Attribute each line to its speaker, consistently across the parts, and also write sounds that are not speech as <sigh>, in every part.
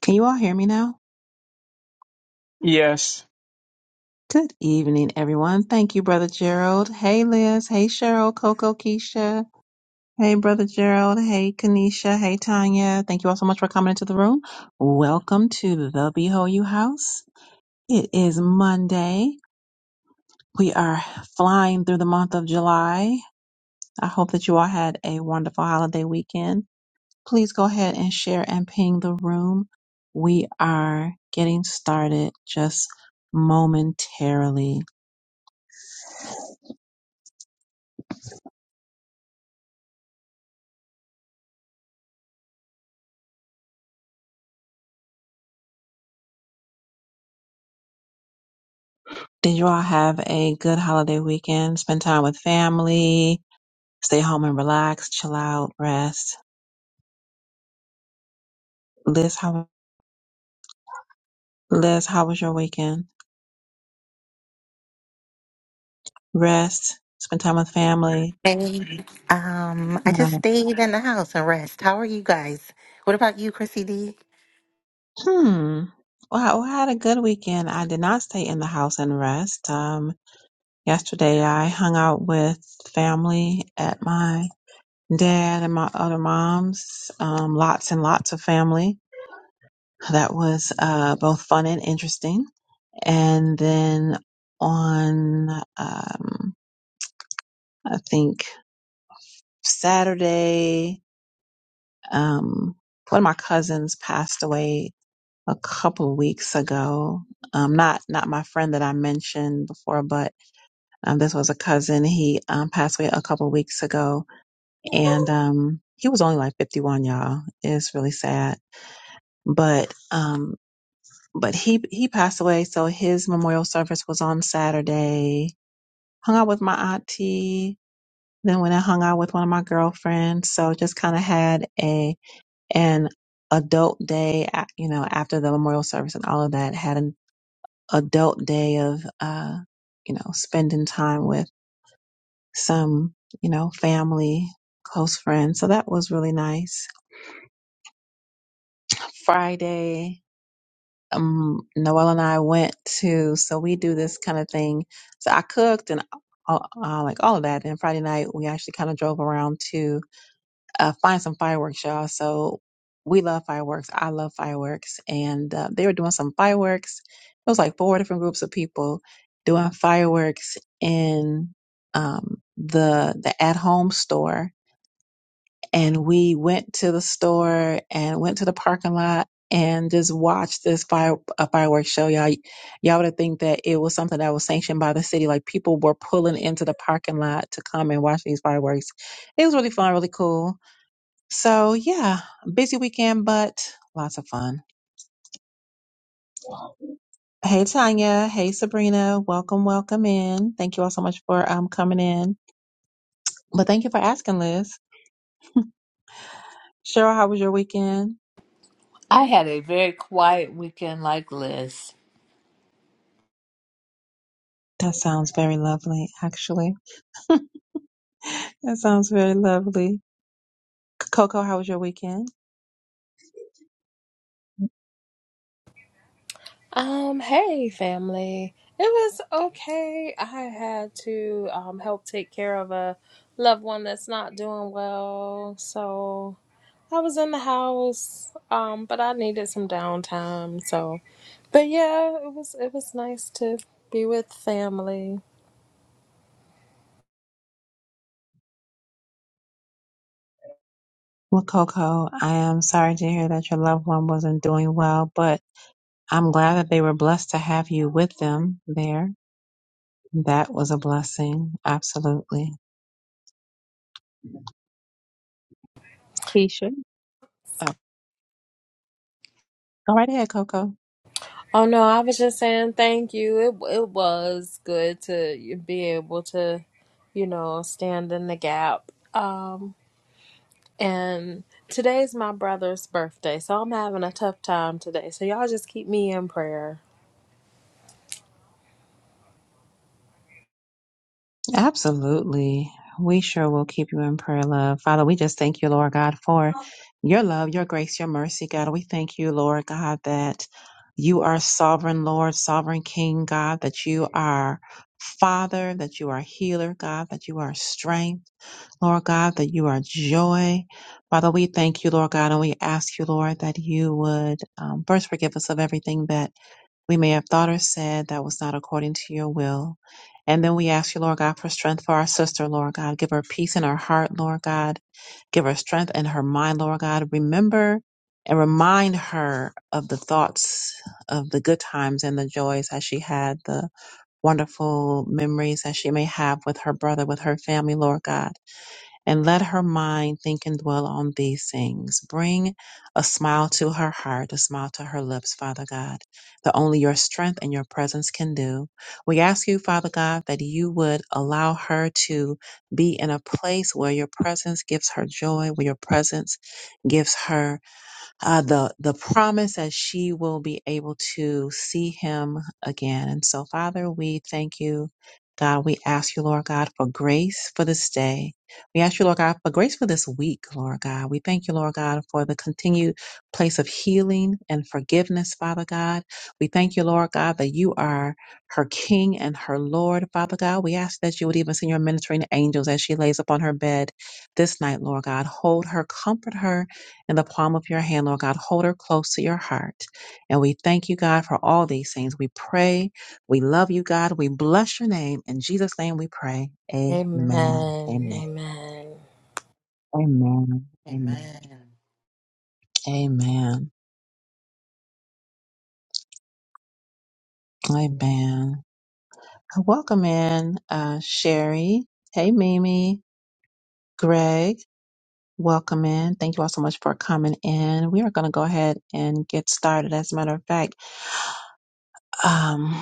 Speaker 1: Can you all hear me now?
Speaker 2: yes
Speaker 1: Good evening, everyone. Thank you, Brother Gerald. Hey, Liz. Hey, Cheryl, Coco, Keisha. Hey, Brother Gerald. Hey, Kanisha. Hey, Tanya. Thank you all so much for coming into the room. Welcome to the Behold You House. It is Monday. We are flying through the month of July. I hope that you all had a wonderful holiday weekend. Please go ahead and share and ping the room. We are getting started just momentarily. Did you all have a good holiday weekend? Spend time with family, stay home and relax, chill out, rest. Liz, how Liz, how was your weekend? Rest, spend time with family.
Speaker 3: Hey, um, I just stayed in the house and rest. How are you guys? What about you, Chrissy D?
Speaker 1: Hmm. Well, I I had a good weekend. I did not stay in the house and rest. Um, yesterday I hung out with family at my dad and my other mom's. Um, lots and lots of family. That was uh both fun and interesting. And then on um I think Saturday, um one of my cousins passed away a couple weeks ago. Um, not not my friend that I mentioned before, but um, this was a cousin. He um, passed away a couple weeks ago, and um, he was only like 51, y'all. It's really sad, but um, but he he passed away. So his memorial service was on Saturday. Hung out with my auntie. Then went and hung out with one of my girlfriends. So just kind of had a an adult day, a- you know, after the memorial service and all of that. Had adult day of, uh, you know, spending time with some, you know, family, close friends. So that was really nice. Friday, um, Noel and I went to, so we do this kind of thing. So I cooked and all, uh, like all of that. And Friday night, we actually kind of drove around to. uh, find some fireworks, y'all. So we love fireworks. I love fireworks. And uh, they were doing some fireworks. It was like four different groups of people doing fireworks in um, the the at home store. And we went to the store and went to the parking lot and just watched this fire a fireworks show. Y'all, y'all would think that it was something that was sanctioned by the city. Like people were pulling into the parking lot to come and watch these fireworks. It was really fun, really cool so yeah, busy weekend, but lots of fun. Hey Tanya, hey Sabrina, welcome, welcome in. Thank you all so much for um coming in. But thank you for asking, Liz. Cheryl, how was your weekend?
Speaker 4: I had a very quiet weekend like Liz.
Speaker 1: That sounds very lovely, actually. <laughs> That sounds very lovely. Coco, how was your weekend?
Speaker 5: Um, hey family. It was okay. I had to um help take care of a loved one that's not doing well. So I was in the house, um, but I needed some downtime. So but yeah, it was it was nice to be with family.
Speaker 1: Well, Coco, I am sorry to hear that your loved one wasn't doing well, but I'm glad that they were blessed to have you with them there. That was a blessing. Absolutely. Keisha. Oh, go right ahead, Coco.
Speaker 5: Oh no, I was just saying thank you. It it was good to be able to, you know, stand in the gap. Um. And today's my brother's birthday, so I'm having a tough time today. So y'all just keep me in prayer.
Speaker 1: Absolutely. We sure will keep you in prayer, love. Father, we just thank you, Lord God, for your love, your grace, your mercy, God. We thank you, Lord God, that you are sovereign, Lord, sovereign King, God, that you are Father, that you are healer, God, that you are strength, Lord God, that you are joy. Father, we thank you, Lord God, and we ask you, Lord, that you would um, first forgive us of everything that we may have thought or said that was not according to your will. And then we ask you, Lord God, for strength for our sister, Lord God. Give her peace in her heart, Lord God. Give her strength in her mind, Lord God. Remember and remind her of the thoughts of the good times and the joys that she had, the wonderful memories that she may have with her brother, with her family, Lord God and let her mind think and dwell on these things. Bring a smile to her heart, a smile to her lips, Father God, that only your strength and your presence can do. We ask you, Father God, that you would allow her to be in a place where your presence gives her joy, where your presence gives her uh, the the promise that she will be able to see him again. And so, Father, we thank you, God. We ask you, Lord God, for grace for this day. We ask you, Lord God, for grace for this week, Lord God. We thank you, Lord God, for the continued place of healing and forgiveness, Father God. We thank you, Lord God, that you are her King and her Lord, Father God. We ask that you would even send your ministering angels as she lays upon her bed this night, Lord God. Hold her, comfort her in the palm of your hand, Lord God. Hold her close to your heart. And we thank you, God, for all these things. We pray. We love you, God. We bless your name. In Jesus' name we pray. Amen. Amen.
Speaker 5: Amen. Amen.
Speaker 1: Amen. Amen.
Speaker 3: Amen.
Speaker 1: Amen. Amen. Welcome in, uh, Sherry. Hey, Mimi. Greg. Welcome in. Thank you all so much for coming in. We are going to go ahead and get started. As a matter of fact, Um,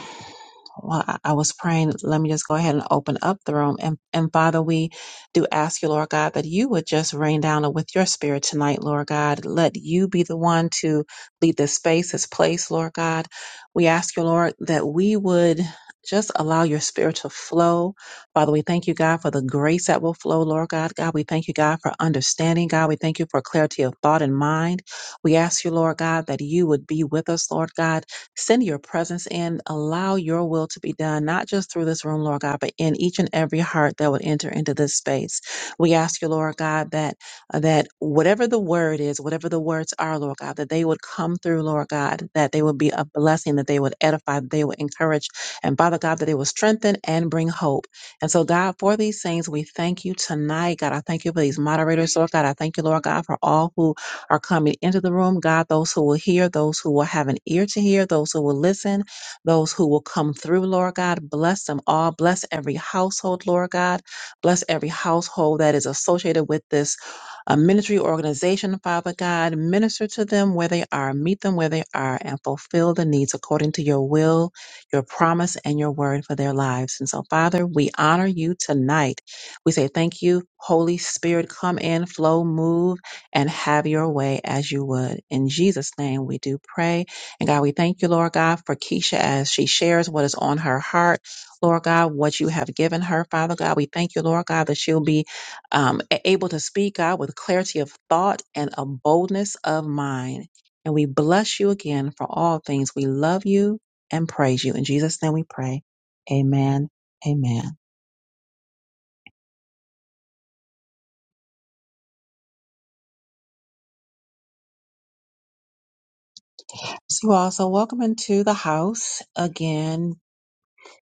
Speaker 1: well, I I was praying, let me just go ahead and open up the room. And, and Father, we do ask you, Lord God, that you would just rain down with your spirit tonight, Lord God. Let you be the one to lead this space, this place, Lord God. We ask you, Lord, that we would just allow your spirit to flow. Father, we thank you, God, for the grace that will flow, Lord God. God, we thank you, God, for understanding. God, we thank you for clarity of thought and mind. We ask you, Lord God, that you would be with us, Lord God Send your presence in. Allow your will to be done, not just through this room, Lord God, but in each and every heart that would enter into this space. We ask you, Lord God, that uh, that whatever the word is, whatever the words are, Lord God, that they would come through, Lord God, that they would be a blessing, that they would edify, that they would encourage, and Father God, that they would strengthen and bring hope. And so, God, for these things, we thank you tonight. God, I thank you for these moderators, Lord God. I thank you, Lord God, for all who are coming into the room. God, those who will hear, those who will have an ear to hear, those who will listen, those who will come through, Lord God. Bless them all. Bless every household, Lord God. Bless every household that is associated with this uh, ministry organization, Father God. Minister to them where they are, meet them where they are, and fulfill the needs according to your will, your promise, and your word for their lives. And so, Father, we honor you tonight. We say thank you, Holy Spirit. Come in, flow, move and have your way as you would. In Jesus' name, we do pray. And God, we thank you, Lord God, for Keisha as she shares what is on her heart. Lord God, what you have given her, Father God, we thank you, Lord God, that she'll be um, a- able to speak, God, with clarity of thought and a boldness of mind. And we bless you again for all things. We love you and praise you. In Jesus' name we pray. Amen. Amen. So you all, so welcome into the house again.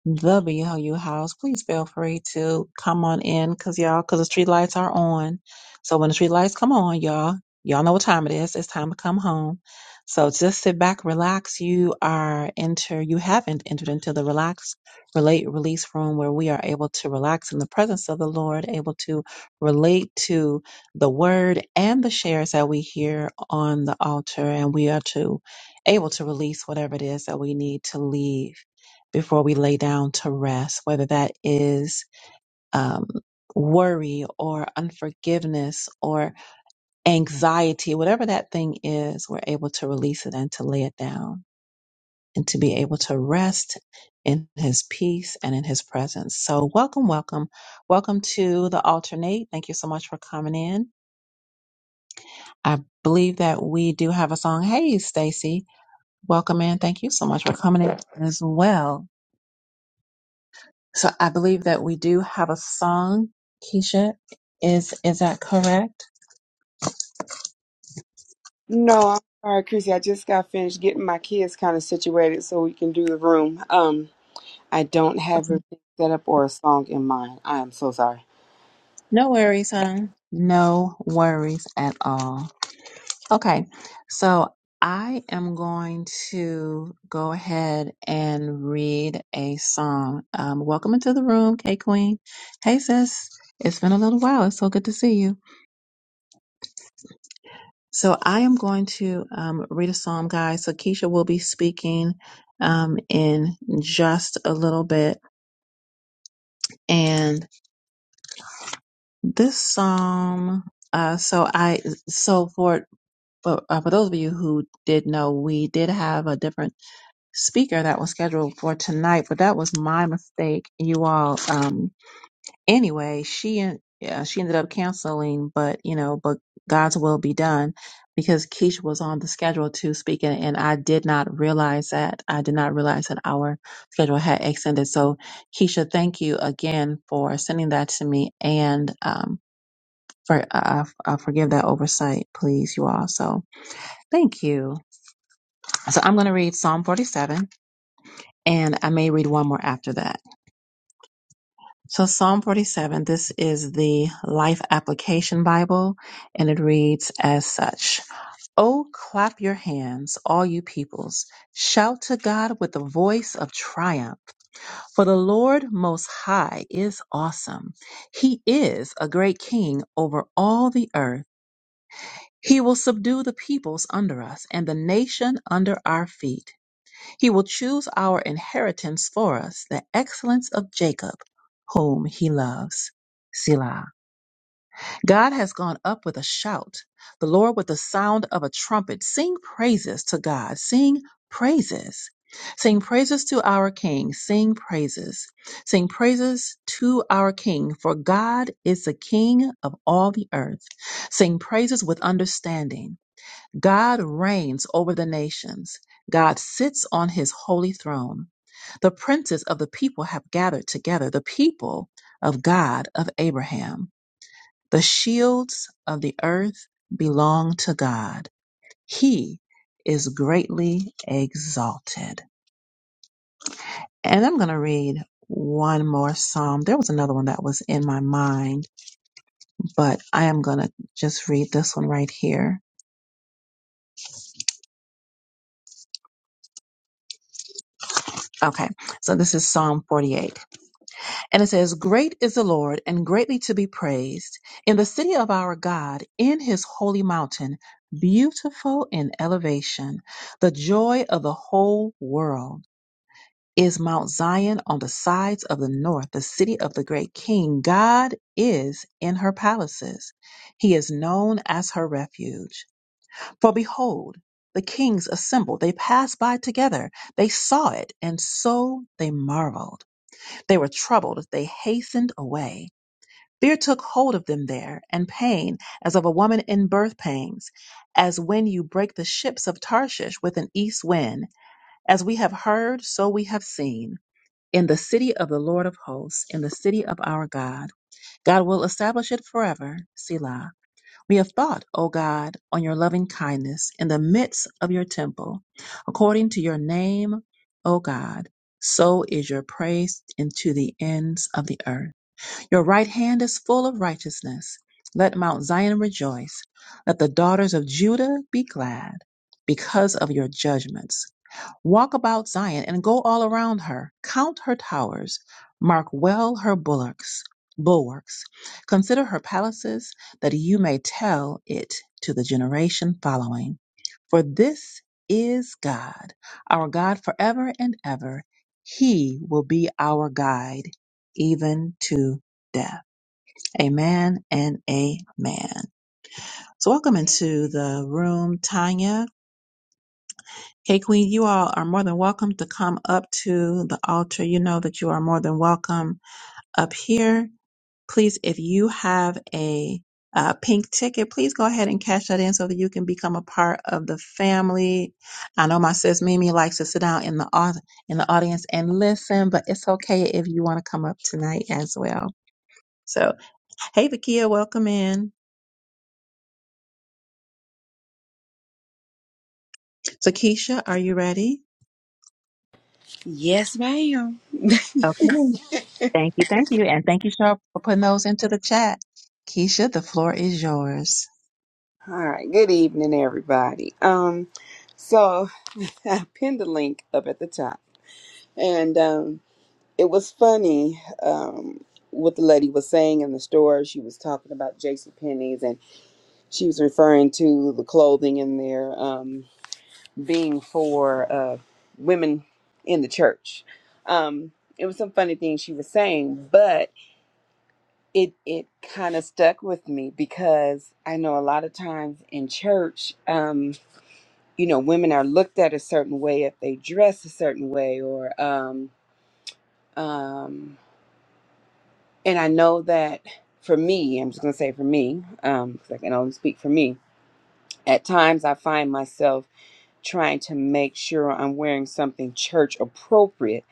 Speaker 1: the BLU house, please feel free to come on in because y'all, because the street lights are on. So when the street lights come on, y'all, y'all know what time it is. It's time to come home. So just sit back, relax. You are enter, you haven't entered into the relax, relate, release room where we are able to relax in the presence of the Lord, able to relate to the word and the shares that we hear on the altar. And we are to able to release whatever it is that we need to leave before we lay down to rest, whether that is um, worry or unforgiveness or anxiety, whatever that thing is, we're able to release it and to lay it down and to be able to rest in his peace and in his presence. So, welcome, welcome, welcome to the alternate. Thank you so much for coming in. I believe that we do have a song. Hey, Stacy, welcome in. Thank you so much for coming in as well. So I believe that we do have a song, Keisha. Is is that correct?
Speaker 6: No, I'm sorry, Chrissy. I just got finished getting my kids kind of situated so we can do the room. Um, I don't have
Speaker 1: Okay.
Speaker 6: everything set up or a song in mind. I am so sorry.
Speaker 1: No worries, huh? No worries at all. Okay, so I am going to go ahead and read a song. Um, welcome into the room, K Queen. Hey sis, it's been a little while. It's so good to see you. So I am going to um, read a psalm, guys. So Keisha will be speaking um, in just a little bit, and this psalm. Uh, so I so for for, uh, for those of you who did know, we did have a different speaker that was scheduled for tonight, but that was my mistake, you all. Um, anyway, she en- yeah, she ended up canceling, but you know, but God's will be done because Keisha was on the schedule to speak, and, and I did not realize that. I did not realize that our schedule had extended. So, Keisha, thank you again for sending that to me and um, for uh, uh, forgive that oversight, please, you all. So, thank you. So, I'm going to read Psalm 47, and I may read one more after that. So Psalm 47, this is the Life Application Bible, and it reads as such. Oh, clap your hands, all you peoples. Shout to God with the voice of triumph. For the Lord Most High is awesome. He is a great king over all the earth. He will subdue the peoples under us and the nation under our feet. He will choose our inheritance for us, the excellence of Jacob, whom he loves. Selah. God has gone up with a shout, the Lord with the sound of a trumpet. Sing praises to God. Sing praises. Sing praises to our King. Sing praises. Sing praises to our King, for God is the King of all the earth. Sing praises with understanding. God reigns over the nations. God sits on his holy throne. The princes of the people have gathered together, the people of God of Abraham. The shields of the earth belong to God. He is greatly exalted. And I'm going to read one more psalm. There was another one that was in my mind, but I am going to just read this one right here. Okay, so this is Psalm 48. And it says, Great is the Lord and greatly to be praised in the city of our God, in his holy mountain, beautiful in elevation. The joy of the whole world is Mount Zion on the sides of the north, the city of the great king. God is in her palaces. He is known as her refuge. For behold, the kings assembled. They passed by together. They saw it, and so they marveled. They were troubled. They hastened away. Fear took hold of them there, and pain, as of a woman in birth pangs, as when you break the ships of Tarshish with an east wind. As we have heard, so we have seen. In the city of the Lord of hosts, in the city of our God, God will establish it forever. Selah. We have thought, O God, on your loving kindness in the midst of your temple. According to your name, O God, so is your praise into the ends of the earth. Your right hand is full of righteousness. Let Mount Zion rejoice. Let the daughters of Judah be glad because of your judgments. Walk about Zion and go all around her. Count her towers. Mark well her bulwarks. Bulwarks. Consider her palaces, that you may tell it to the generation following. For this is God, our God forever and ever. He will be our guide, even to death. Amen and amen. So, welcome into the room, Tanya. Hey, Queen, you all are more than welcome to come up to the altar. You know that you are more than welcome up here. Please, if you have a uh, pink ticket, please go ahead and cash that in so that you can become a part of the family. I know my sis Mimi likes to sit down in the au- in the audience and listen, but it's okay if you want to come up tonight as well. So, hey, Vakia, welcome in. So, Keisha, are you ready?
Speaker 6: Yes, ma'am.
Speaker 1: Okay. Thank you, thank you, and thank you, Cheryl, for putting those into the chat. Keisha, the floor is yours.
Speaker 6: All right. Good evening, everybody. Um, so <laughs> I pinned the link up at the top, and um, it was funny. Um, what the lady was saying in the store, she was talking about J.C. Penney's, and she was referring to the clothing in there. Um, being for uh, women in the church. Um, it was some funny things she was saying, but it it kind of stuck with me because I know a lot of times in church, um, you know, women are looked at a certain way if they dress a certain way, or um, um, and I know that for me, I'm just gonna say for me, um, because I can only speak for me. At times, I find myself trying to make sure I'm wearing something church appropriate.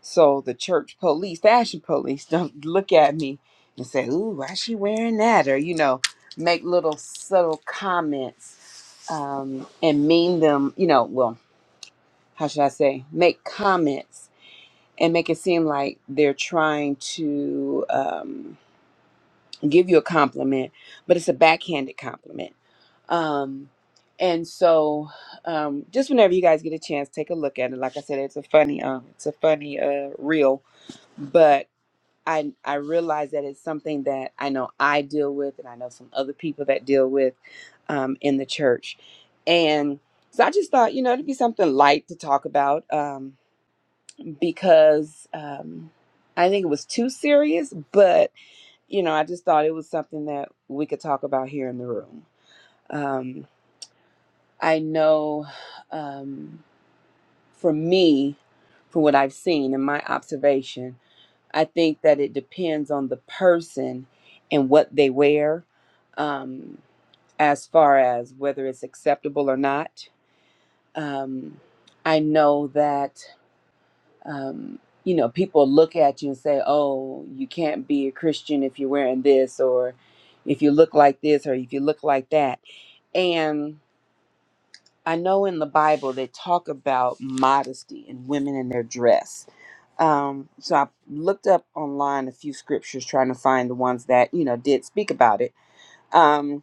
Speaker 6: So the church police, fashion police, <laughs> don't look at me and say, "Ooh, why she wearing that?" Or you know, make little subtle comments um, and mean them. You know, well, how should I say? Make comments and make it seem like they're trying to um, give you a compliment, but it's a backhanded compliment um, and so, um, just whenever you guys get a chance, take a look at it. Like I said, it's a funny, um, it's a funny uh, reel, but I I realize that it's something that I know I deal with, and I know some other people that deal with um, in the church, and so I just thought, you know, it'd be something light to talk about um, because um, I think it was too serious, but you know, I just thought it was something that we could talk about here in the room. um. I know um, for me, from what I've seen and my observation, I think that it depends on the person and what they wear um, as far as whether it's acceptable or not. Um, I know that, um, you know, people look at you and say, oh, you can't be a Christian if you're wearing this or if you look like this or if you look like that. and. I know in the Bible they talk about modesty and women in their dress. Um, so I looked up online a few scriptures trying to find the ones that you know did speak about it. Um,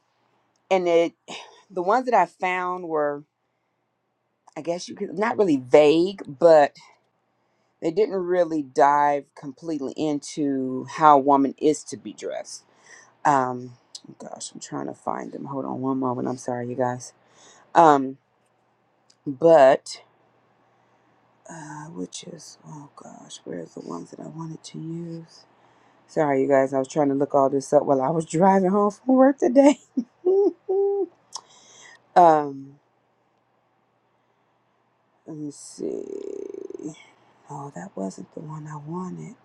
Speaker 6: and it, <sighs> the ones that I found were, I guess you could not really vague, but they didn't really dive completely into how a woman is to be dressed. Um, gosh, I'm trying to find them. Hold on one moment. I'm sorry, you guys. Um, but uh, which is oh gosh, where's the ones that I wanted to use? Sorry, you guys, I was trying to look all this up while I was driving home from work today. <laughs> um, let me see. Oh, that wasn't the one I wanted.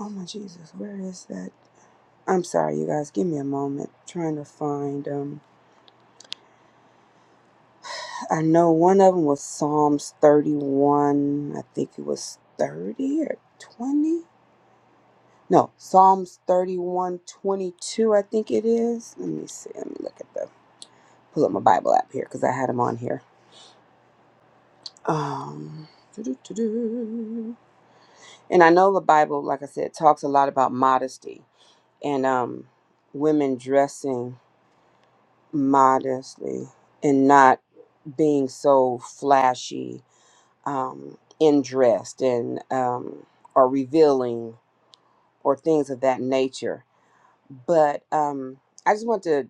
Speaker 6: Oh my Jesus, where is that? I'm sorry, you guys. Give me a moment. Trying to find. Um, I know one of them was Psalms 31. I think it was 30 or 20. No, Psalms 31:22, I think it is. Let me see. Let me look at the, pull up my Bible app here because I had them on here. Um, doo-doo-doo-doo. and I know the Bible, like I said, talks a lot about modesty and um, women dressing modestly and not being so flashy um, in dressed and um, or revealing or things of that nature but um, I just want to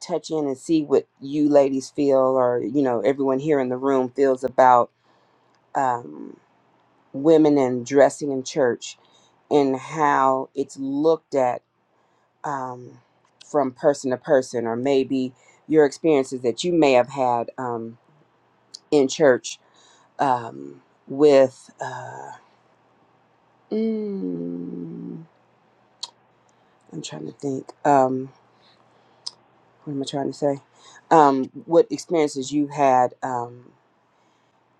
Speaker 6: touch in and see what you ladies feel, or you know, everyone here in the room feels about um, women and dressing in church and how it's looked at um, from person to person, or maybe your experiences that you may have had um, in church um, with. Uh, mm, I'm trying to think. um, what am I trying to say? Um, what experiences you had um,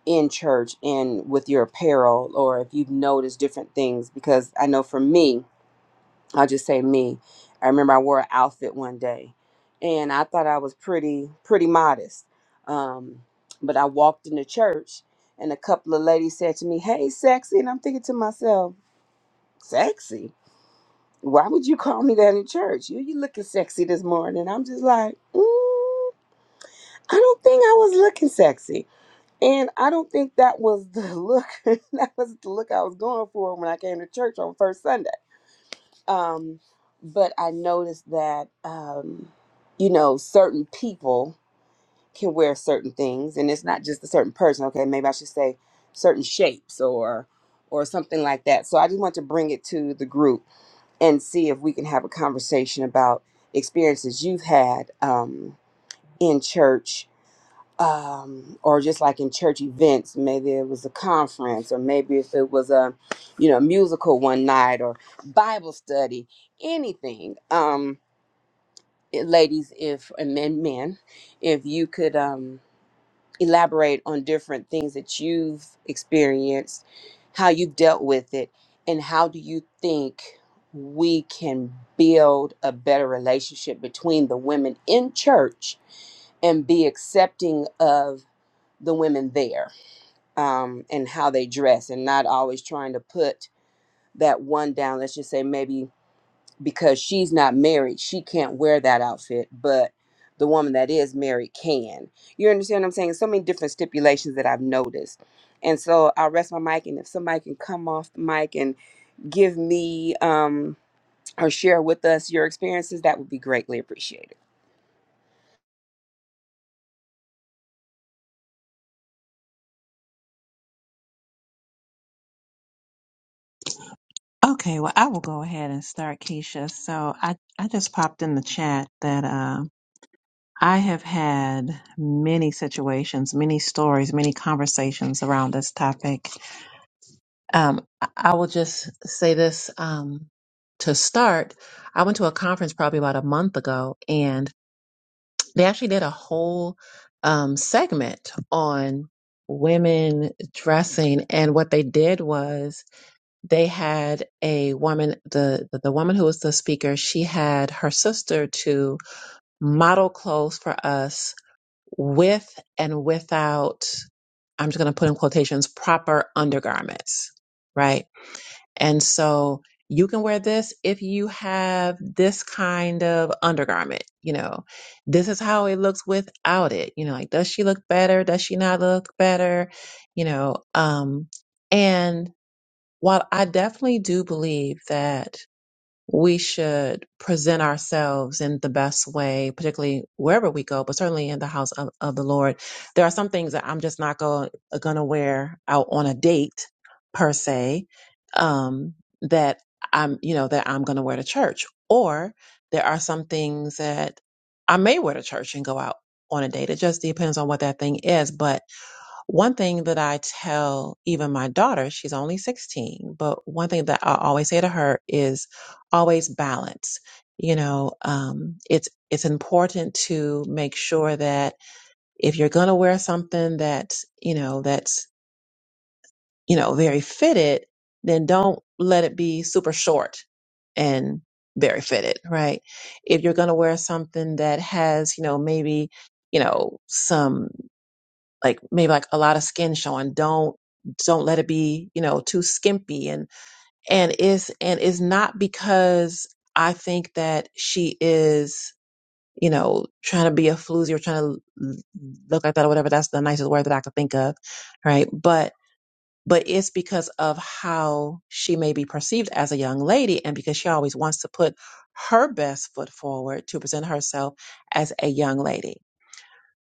Speaker 6: in church and with your apparel, or if you've noticed different things. Because I know for me, I'll just say me. I remember I wore an outfit one day, and I thought I was pretty pretty modest. Um, but I walked into church, and a couple of ladies said to me, "Hey, sexy," and I'm thinking to myself, "Sexy." Why would you call me that in church? You you looking sexy this morning. I'm just like, mm. I don't think I was looking sexy. And I don't think that was the look <laughs> that was the look I was going for when I came to church on first Sunday. Um, but I noticed that um, you know, certain people can wear certain things and it's not just a certain person. Okay, maybe I should say certain shapes or or something like that. So I just want to bring it to the group and see if we can have a conversation about experiences you've had um, in church um, or just like in church events, maybe it was a conference, or maybe if it was a, you know, musical one night or Bible study, anything. Um, it- ladies, if and men, men, if you could um, elaborate on different things that you've experienced, how you've dealt with it, and how do you think we can build a better relationship between the women in church and be accepting of the women there um, and how they dress and not always trying to put that one down. Let's just say maybe because she's not married, she can't wear that outfit, but the woman that is married can. You understand what I'm saying? So many different stipulations that I've noticed. And so I'll rest my mic, and if somebody can come off the mic and give me um, or share with us your experiences, that would be greatly appreciated.
Speaker 1: Okay, well, I will go ahead and start, Keisha. So I, I just popped in the chat that uh, I have had many situations, many stories, many conversations around this topic. Um, I I will just say this um, to start. I went to a conference probably about a month ago, and They actually did a whole um, segment on women dressing, and what they did was they had a woman, the the woman who was the speaker, she had her sister to model clothes for us with and without. I'm just going to put in quotations proper undergarments, right? And so you can wear this if you have this kind of undergarment, you know. This is how it looks without it. You know, like does she look better? Does she not look better? You know, um and while I definitely do believe that we should present ourselves in the best way, particularly wherever we go, but certainly in the house of, of the Lord. There are some things that I'm just not going to wear out on a date per se, um, that I'm, you know, that I'm going to wear to church. Or there are some things that I may wear to church and go out on a date. It just depends on what that thing is. But one thing that I tell even my daughter, she's only 16, but one thing that I always say to her is always balance. You know, um, it's, it's important to make sure that if you're going to wear something that's, you know, that's, you know, very fitted, then don't let it be super short and very fitted, right? If you're going to wear something that has, you know, maybe, you know, some like maybe like a lot of skin showing don't don't let it be you know too skimpy and and it's and it's not because i think that she is you know trying to be a floozy or trying to look like that or whatever that's the nicest word that i could think of right but but it's because of how she may be perceived as a young lady and because she always wants to put her best foot forward to present herself as a young lady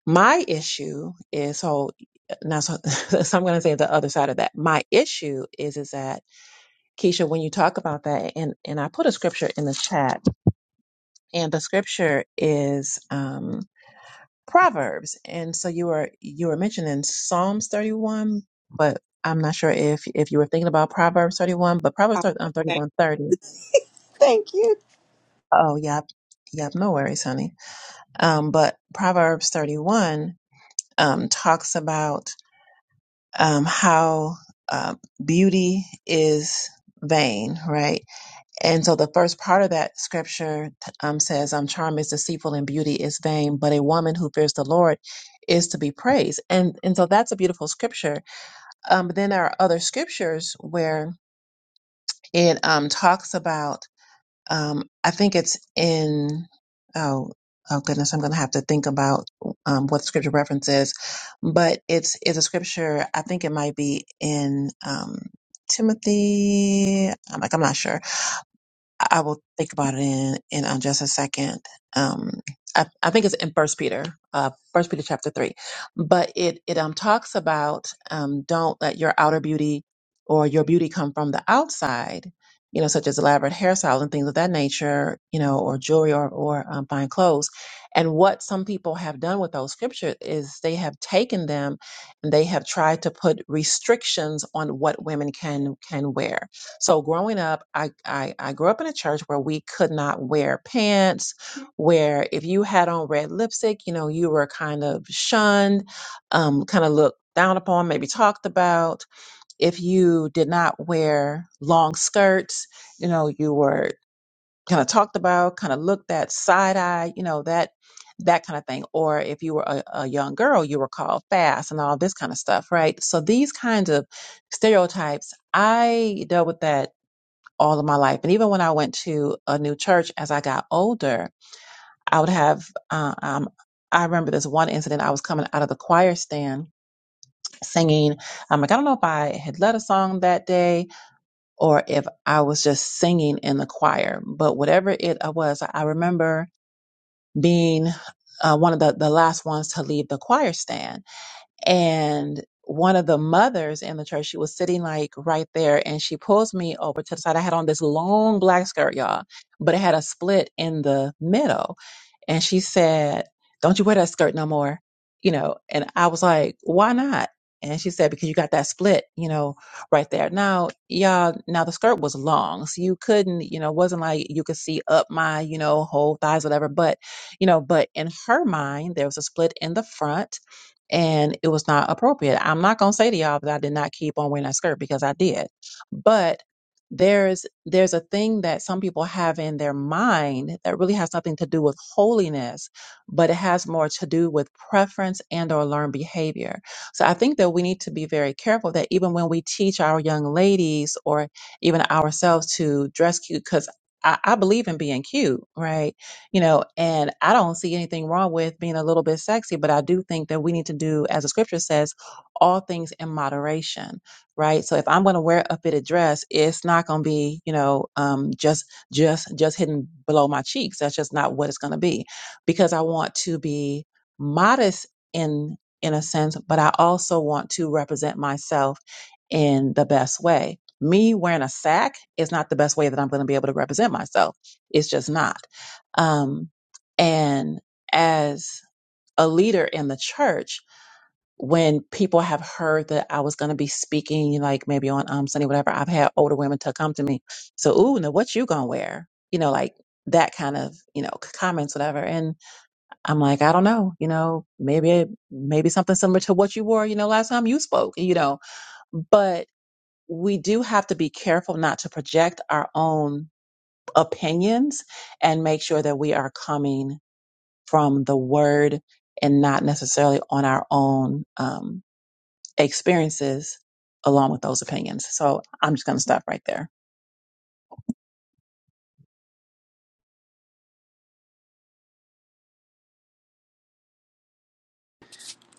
Speaker 1: my issue is so now so, <laughs> so I'm going to say the other side of that. My issue is is that Keisha, when you talk about that, and and I put a scripture in the chat, and the scripture is um Proverbs, and so you were you were mentioning Psalms 31, but I'm not sure if if you were thinking about Proverbs 31, but Proverbs
Speaker 6: Awesome. Thank
Speaker 1: 31:30.
Speaker 6: thank you.
Speaker 1: Oh, yep, yep, no worries, honey. Um, but Proverbs 31 um talks about um, how uh, beauty is vain, right? And so the first part of that scripture t- um, says, um, "Charm is deceitful and beauty is vain, but a woman who fears the Lord is to be praised." And and so that's a beautiful scripture. Um, but then there are other scriptures where it um, talks about um, I think it's in, oh, oh goodness, I'm going to have to think about um, what the scripture reference is, but it's, it's a scripture, I think it might be in um, Timothy, I'm like, I'm not sure, I will think about it in, in uh, just a second. Um, I, I think it's in First Peter, uh, First Peter chapter three, but it it um talks about um don't let your outer beauty or your beauty come from the outside, you know, such as elaborate hairstyles and things of that nature, you know, or jewelry or or um, fine clothes. And what some people have done with those scriptures is they have taken them and they have tried to put restrictions on what women can can wear so growing up, I, I I grew up in a church where we could not wear pants, where if you had on red lipstick, you know, you were kind of shunned, um, kind of looked down upon, maybe talked about. If you did not wear long skirts, you know, you were kind of talked about, kind of looked at side eye, you know, that that kind of thing. Or if you were a, a young girl, you were called fast and all this kind of stuff, right? So these kinds of stereotypes, I dealt with that all of my life. And even when I went to a new church as I got older, I would have, uh, um, I remember this one incident. I was coming out of the choir stand singing. I'm like, I don't know if I had led a song that day or if I was just singing in the choir, but whatever it uh, was, I remember being uh, one of the, the last ones to leave the choir stand and one of the mothers in the church, she was sitting like right there, and she pulls me over to the side. I had on this long black skirt, y'all, but it had a split in the middle and she said, "Don't you wear that skirt no more," you know. And I was like, "Why not?" And she said, "Because you got that split, you know, right there." Now, y'all, now the skirt was long, so you couldn't, you know, it wasn't like you could see up my, you know, whole thighs, whatever. But, you know, but in her mind, there was a split in the front. And it was not appropriate. I'm not gonna say to y'all that I did not keep on wearing that skirt because I did, but there's there's a thing that some people have in their mind that really has nothing to do with holiness but it has more to do with preference and or learned behavior so i think that we need to be very careful that even when we teach our young ladies or even ourselves to dress cute because I, I believe in being cute right you know and i don't see anything wrong with being a little bit sexy but i do think that we need to do as the scripture says all things in moderation right? So if I'm going to wear a fitted dress, it's not going to be, you know, um, just just just hidden below my cheeks. That's just not what it's going to be, because I want to be modest in in a sense, but I also want to represent myself in the best way. Me wearing a sack is not the best way that I'm going to be able to represent myself. It's just not. Um, and as a leader in the church, when people have heard that I was going to be speaking, like maybe on um, Sunday, whatever, I've had older women to come to me. So, ooh, now what you gonna wear? You know, like that kind of, you know, c- comments, whatever. And I'm like, I don't know, you know, maybe, maybe something similar to what you wore, you know, last time you spoke, you know, but we do have to be careful not to project our own opinions and make sure that we are coming from the word and not necessarily on our own, um, experiences along with those opinions. So I'm just going to stop right there.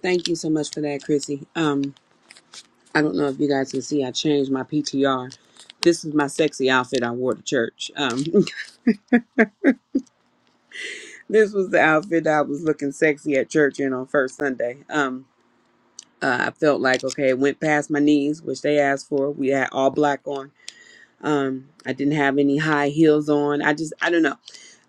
Speaker 6: Thank you so much for that, Chrissy. Um, I don't know if you guys can see, I changed my PTR. This is my sexy outfit I wore to church. Um, <laughs> this was the outfit that I was looking sexy at church in on first Sunday. Um, uh, I felt like, okay, it went past my knees, which they asked for. We had all black on. Um, I didn't have any high heels on. I just, I don't know.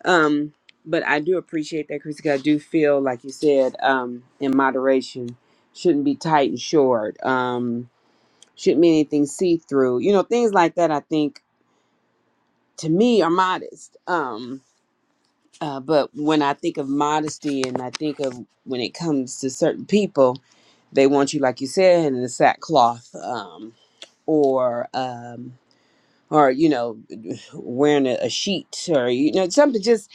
Speaker 6: Um, but I do appreciate that, Chris, 'cause I do feel, like you said, um, in moderation, shouldn't be tight and short. Um, shouldn't be anything see through. You know, things like that, I think to me are modest. Um, uh, but when I think of modesty and I think of when it comes to certain people, they want you, like you said, in the sackcloth um, or, um, or, you know, wearing a, a sheet or, you know, something just,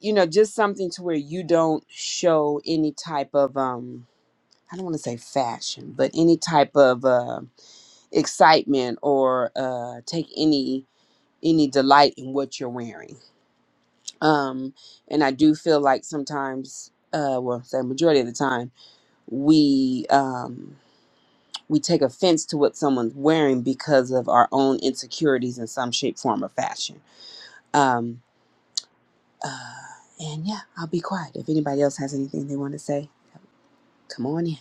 Speaker 6: you know, just something to where you don't show any type of, um, I don't want to say fashion, but any type of uh, excitement or uh, take any any delight in what you're wearing Um, and I do feel like sometimes, uh, well, say majority of the time, we um, we take offense to what someone's wearing because of our own insecurities in some shape, form, or fashion. Um, uh, and yeah, I'll be quiet. If anybody else has anything they want to say, come on in.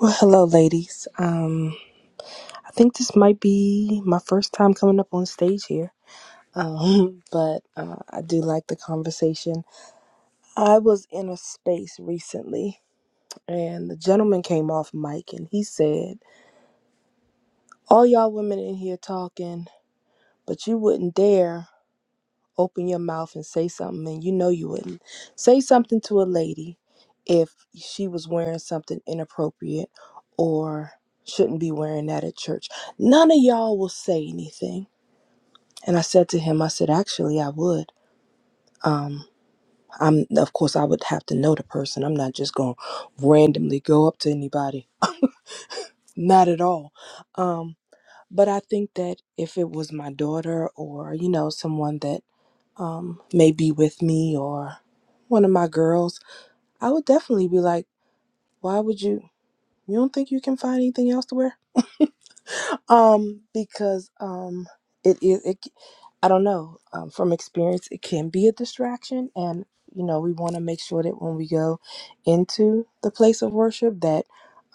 Speaker 7: Well, hello, ladies. Um, I think this might be my first time coming up on stage here, um, <laughs> but uh, I do like the conversation. I was in a space recently, and the gentleman came off mic and he said, All y'all women in here talking, but you wouldn't dare. open your mouth and say something and you know you wouldn't say something to a lady if she was wearing something inappropriate or shouldn't be wearing that at church none of y'all will say anything and i said to him i said actually i would um i'm of course i would have to know the person i'm not just going to randomly go up to anybody not at all um But I think that if it was my daughter or, you know, someone that um, may be with me or one of my girls, I would definitely be like, why would you? You don't think you can find anything else to wear? Um, because um, it is it, c- I don't know. Um, from experience, it can be a distraction, and you know we want to make sure that when we go into the place of worship, that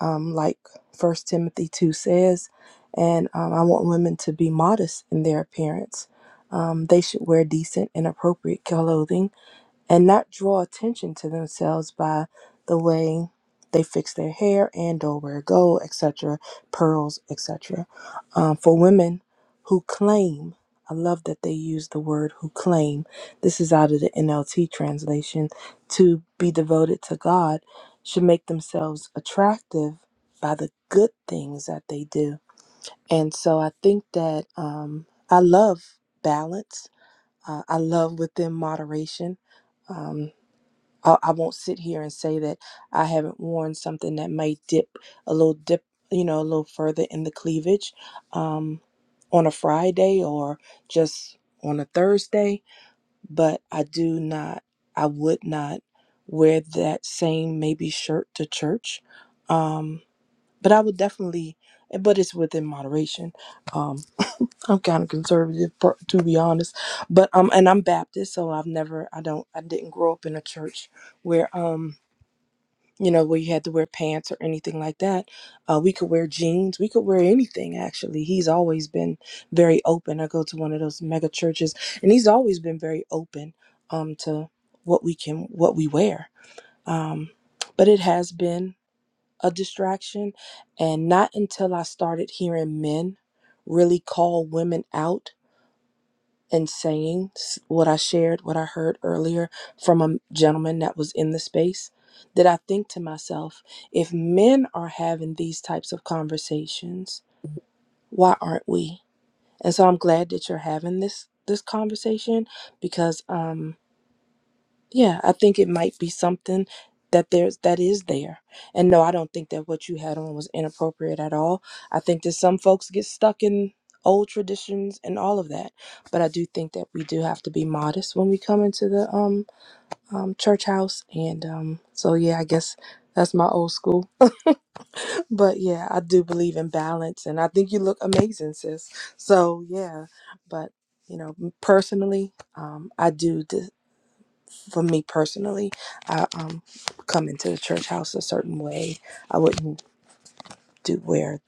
Speaker 7: um, like First Timothy two says, and um, I want women to be modest in their appearance. Um, they should wear decent and appropriate clothing and not draw attention to themselves by the way they fix their hair and or wear gold, etc., pearls, etc. Um, for women who claim, I love that they use the word who claim, this is out of the NLT translation, to be devoted to God, should make themselves attractive by the good things that they do. And so I think that um, I love balance. Uh, I love within moderation. Um, I, I won't sit here and say that I haven't worn something that might dip a little dip, you know, a little further in the cleavage um, on a Friday or just on a Thursday. But I do not, I would not wear that same maybe shirt to church. Um, but I would definitely, but it's within moderation. Um, I'm kind of conservative, per- to be honest. But um, and I'm Baptist, so I've never, I don't, I didn't grow up in a church where um you know, where you had to wear pants or anything like that. Uh, we could wear jeans. We could wear anything, actually. He's always been very open. I go to one of those mega churches, and he's always been very open um, to what we can, what we wear. Um, but it has been a distraction. And not until I started hearing men really call women out and saying s- what I shared, what I heard earlier from a gentleman that was in the space, that I think to myself, if men are having these types of conversations, why aren't we? And so I'm glad that you're having this this conversation because um yeah, I think it might be something that there's that is there. And no, I don't think that what you had on was inappropriate at all. I think that some folks get stuck in old traditions and all of that. But I do think that we do have to be modest when we come into the um, um church house and um so yeah, I guess that's my old school. <laughs> But yeah, I do believe in balance and I think you look amazing, sis. So yeah, but you know, personally, um, I do for me personally, I um come into the church house a certain way. I wouldn't do wear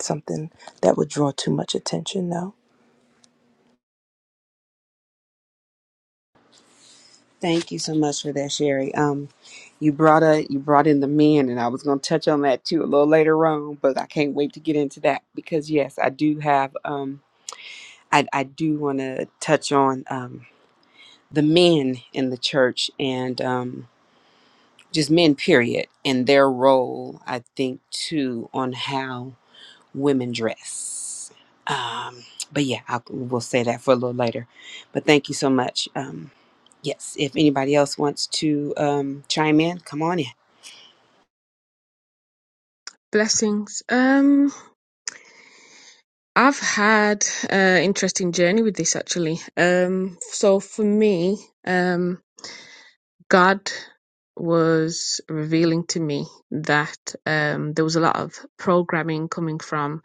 Speaker 7: something that would draw too much attention though.
Speaker 6: Thank you so much for that, Sherry. Um, you brought a you brought in the men, and I was going to touch on that too a little later on, but I can't wait to get into that because yes, I do have. Um, I, I do want to touch on um, the men in the church and um, just men, period, and their role, I think, too, on how women dress. Um, but yeah, I'll, we'll say that for a little later. But thank you so much. Um, yes, if anybody else wants to um, chime in, come on in.
Speaker 8: Blessings. Um, I've had an interesting journey with this actually. Um, so for me, um, God was revealing to me that um, there was a lot of programming coming from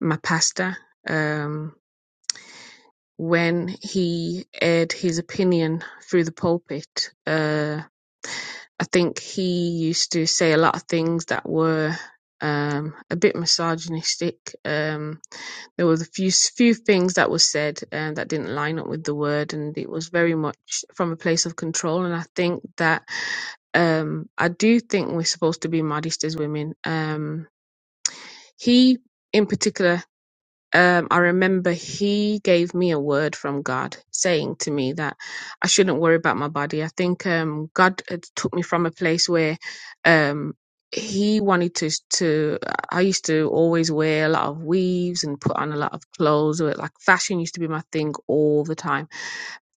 Speaker 8: my pastor. Um, when he aired his opinion through the pulpit, uh, I think he used to say a lot of things that were um, a bit misogynistic. Um, there was a few few things that was said and that didn't line up with the word and it was very much from a place of control and i think that um i do think we're supposed to be modest as women um he in particular um, I remember he gave me a word from God saying to me that I shouldn't worry about my body. I think um, God had took me from a place where um, he wanted to, to, I used to always wear a lot of weaves and put on a lot of clothes. Or like fashion used to be my thing all the time.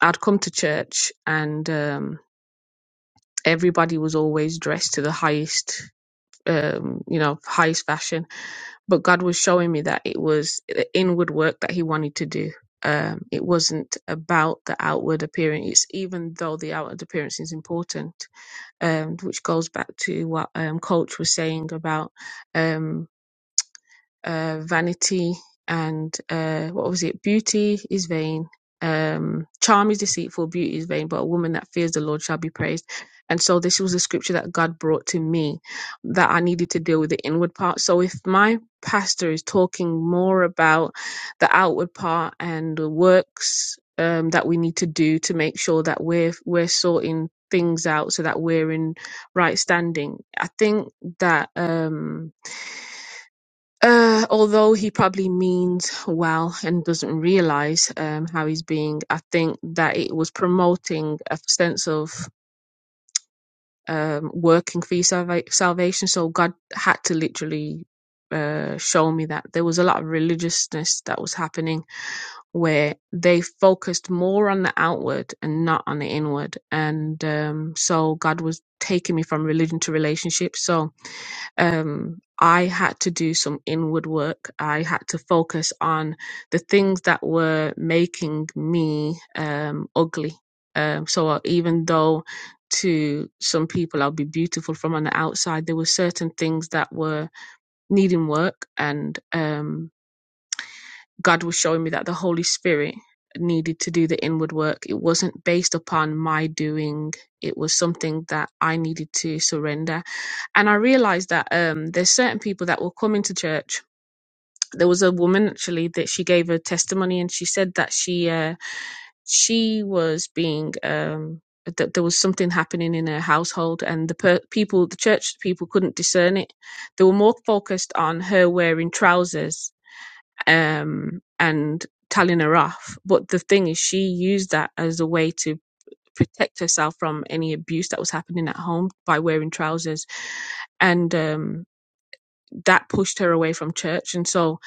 Speaker 8: I'd come to church and um, everybody was always dressed to the highest um, you know, highest fashion. But God was showing me that it was the inward work that He wanted to do. Um, it wasn't about the outward appearance, it's, even though the outward appearance is important, um, which goes back to what um, Coach was saying about. Um, uh, vanity and uh, what was it? Beauty is vain. Um, charm is deceitful, beauty is vain, but a woman that fears the Lord shall be praised. And so this was a scripture that God brought to me that I needed to deal with the inward part. So if my pastor is talking more about the outward part and the works um, that we need to do to make sure that we're we're sorting things out so that we're in right standing, I think that. Um, uh, although he probably means well and doesn't realize um, how he's being, I think that it was promoting a sense of um, working for your salva- salvation. So God had to literally uh, show me that there was a lot of religiousness that was happening where they focused more on the outward and not on the inward. And um, so God was taking me from religion to relationship. So um, I had to do some inward work. I had to focus on the things that were making me um, ugly. Um, so even though to some people I'll be beautiful from on the outside, there were certain things that were needing work, and um, God was showing me that the Holy Spirit needed to do the inward work. It wasn't based upon my doing. It was something that I needed to surrender and I realized that um, there's certain people that will come into church. There was a woman actually that she gave her testimony, and she said that she uh, she was being um, that there was something happening in her household, and the per- people, the church people, couldn't discern it. They were more focused on her wearing trousers um, and telling her off. But the thing is, she used that as a way to protect herself from any abuse that was happening at home by wearing trousers and. Um, that pushed her away from church. And so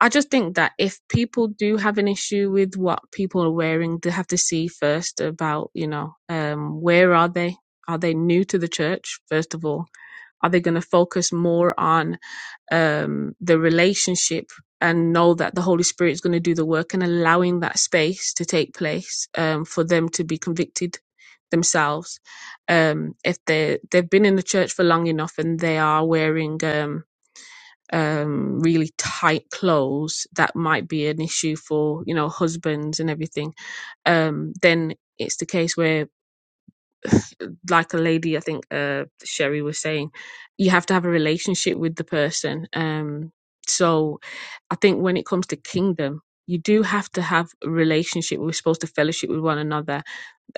Speaker 8: I just think that if people do have an issue with what people are wearing, they have to see first about, you know, um, where are they? Are they new to the church, first of all? Are they going to focus more on um, the relationship and know that the Holy Spirit is going to do the work and allowing that space to take place um, for them to be convicted themselves? Um, if they, they've been in the church for long enough and they are wearing. Um, um, really tight clothes that might be an issue for you know husbands and everything um, then it's the case where like a lady i think uh, sherry was saying you have to have a relationship with the person um, so i think when it comes to kingdom you do have to have a relationship we're supposed to fellowship with one another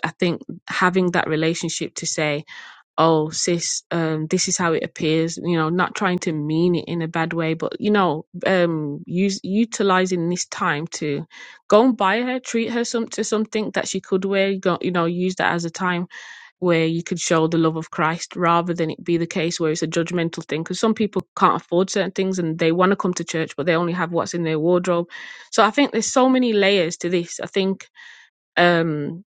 Speaker 8: i think having that relationship to say oh sis um this is how it appears you know not trying to mean it in a bad way but you know um use utilizing this time to go and buy her treat her some to something that she could wear you, go, you know use that as a time where you could show the love of christ rather than it be the case where it's a judgmental thing because some people can't afford certain things and they want to come to church but they only have what's in their wardrobe so i think there's so many layers to this i think um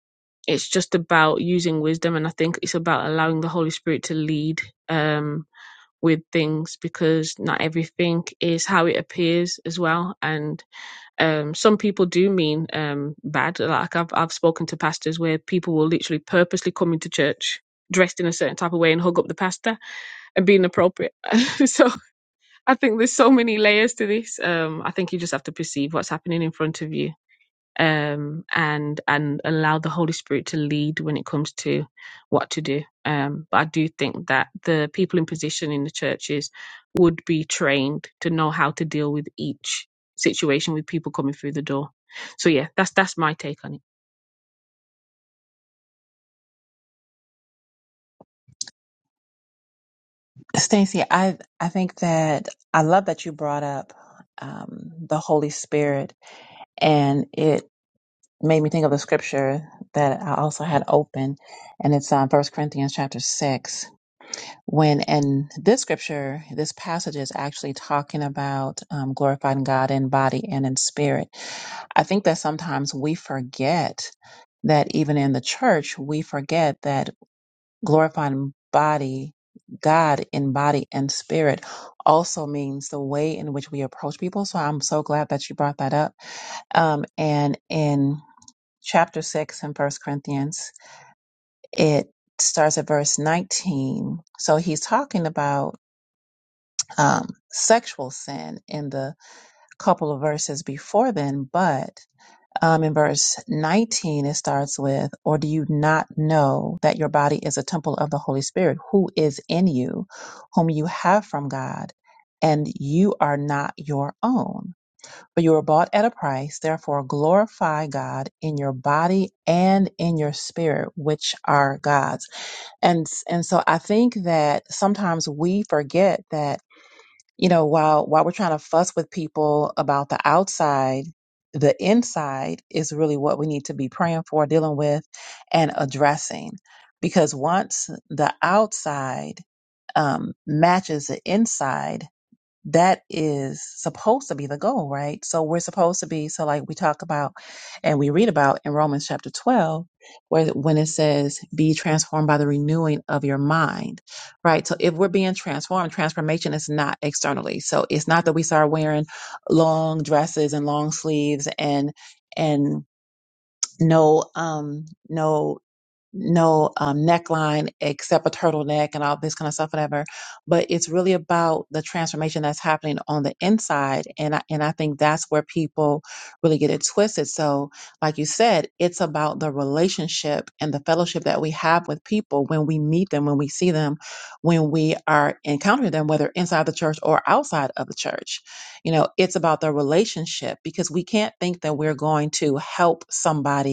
Speaker 8: it's just about using wisdom and i think it's about allowing the holy spirit to lead um with things because not everything is how it appears as well and um some people do mean um bad like i've i've spoken to pastors where people will literally purposely come into church dressed in a certain type of way and hug up the pastor and being appropriate. <laughs> so I think there's so many layers to this. Um, I think you just have to perceive what's happening in front of you um, and and allow the Holy Spirit to lead when it comes to what to do. Um, but I do think that the people in position in the churches would be trained to know how to deal with each situation with people coming through the door. So yeah, that's that's my take on it.
Speaker 1: Stacey, I, I think that I love that you brought up um, the Holy Spirit, and it made me think of the scripture that I also had open, and it's on First Corinthians chapter 6. when in this scripture this passage is actually talking about um, glorifying god in body and in spirit i think that sometimes we forget that even in the church we forget that glorifying body god in body and spirit also means the way in which we approach people so i'm so glad that you brought that up um, and in chapter 6 in first corinthians it starts at verse 19 so he's talking about um, sexual sin in the couple of verses before then, but um, in verse 19, it starts with, Or do you not know that your body is a temple of the Holy Spirit who is in you, whom you have from God, and you are not your own? For you were bought at a price, therefore glorify God in your body and in your spirit, which are God's. And, and so I think that sometimes we forget that you know while while we're trying to fuss with people about the outside the inside is really what we need to be praying for dealing with and addressing because once the outside um, matches the inside that is supposed to be the goal, right? So we're supposed to be, so like we talk about and we read about in Romans chapter 12, where when it says, be transformed by the renewing of your mind, right? So if we're being transformed, transformation is not externally. So it's not that we start wearing long dresses and long sleeves and, and no, um, no no um, neckline except a turtleneck and all this kind of stuff, whatever. But it's really about the transformation that's happening on the inside, and I, and I think that's where people really get it twisted. So, like you said, it's about the relationship and the fellowship that we have with people when we meet them, when we see them, when we are encountering them, whether inside the church or outside of the church. You know, it's about the relationship because we can't think that we're going to help somebody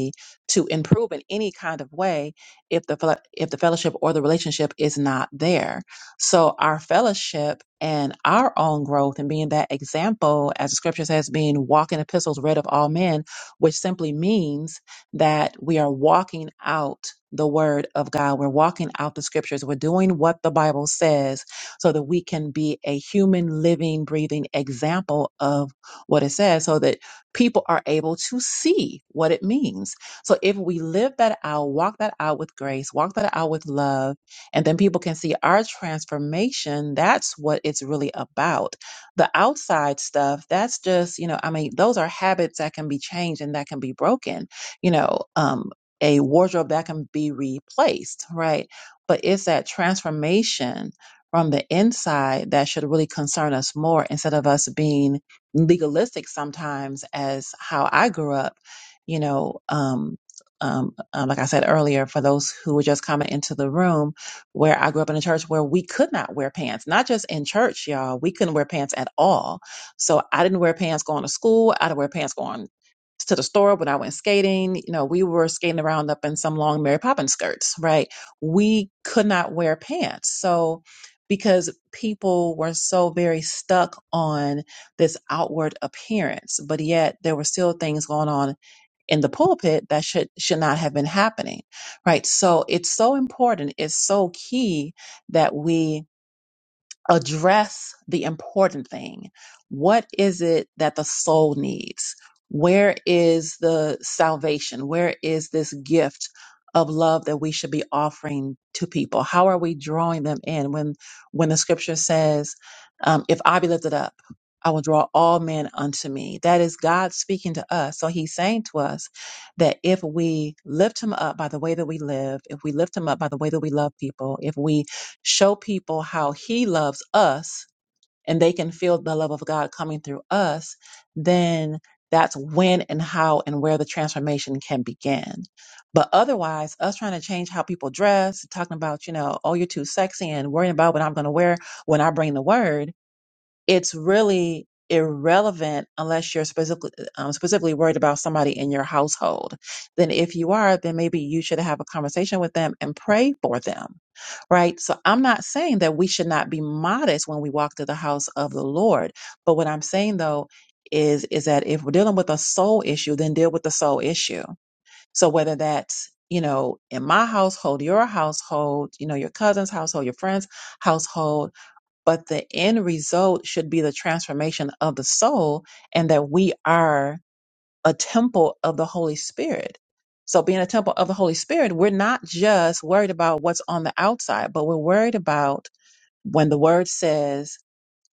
Speaker 1: to improve in any kind of way if the fel- if the fellowship or the relationship is not there. So our fellowship and our own growth and being that example, as the scripture says, being walking epistles read of all men, which simply means that we are walking out the word of God. We're walking out the scriptures. We're doing what the Bible says so that we can be a human, living, breathing example of what it says so that people are able to see what it means so if we live that out, walk that out with grace, walk that out with love, and then people can see our transformation, that's what it's really about. The outside stuff, that's just, you know, I mean, those are habits that can be changed and that can be broken, you know, um, a wardrobe that can be replaced, right? But it's that transformation from the inside that should really concern us more instead of us being legalistic sometimes as how I grew up you know, um, um, uh, like I said earlier, for those who were just coming into the room, where I grew up in a church where we could not wear pants, not just in church, y'all, we couldn't wear pants at all. So I didn't wear pants going to school. I didn't wear pants going to the store when I went skating. You know, we were skating around up in some long Mary Poppins skirts, right? We could not wear pants. So because people were so very stuck on this outward appearance, but yet there were still things going on in the pulpit that should should not have been happening right so it's so important it's so key that we address the important thing. What is it that the soul needs? Where is the salvation? Where is this gift of love that we should be offering to people? How are we drawing them in? When when the scripture says, um, "If I be lifted up, I will draw all men unto me." That is God speaking to us. So He's saying to us that if we lift Him up by the way that we live, if we lift Him up by the way that we love people, if we show people how he loves us and they can feel the love of God coming through us, then that's when and how and where the transformation can begin. But otherwise, us trying to change how people dress, talking about, you know, oh, you're too sexy and worrying about what I'm going to wear when I bring the word it's really irrelevant unless you're specifically um, specifically worried about somebody in your household. Then if you are, then maybe you should have a conversation with them and pray for them, right? So I'm not saying that we should not be modest when we walk through the house of the Lord, but what I'm saying though is is that if we're dealing with a soul issue, then deal with the soul issue. So whether that's you know, in my household, your household, you know, your cousin's household, your friend's household, but the end result should be the transformation of the soul and that we are a temple of the Holy Spirit. So, being a temple of the Holy Spirit, we're not just worried about what's on the outside, but we're worried about when the word says,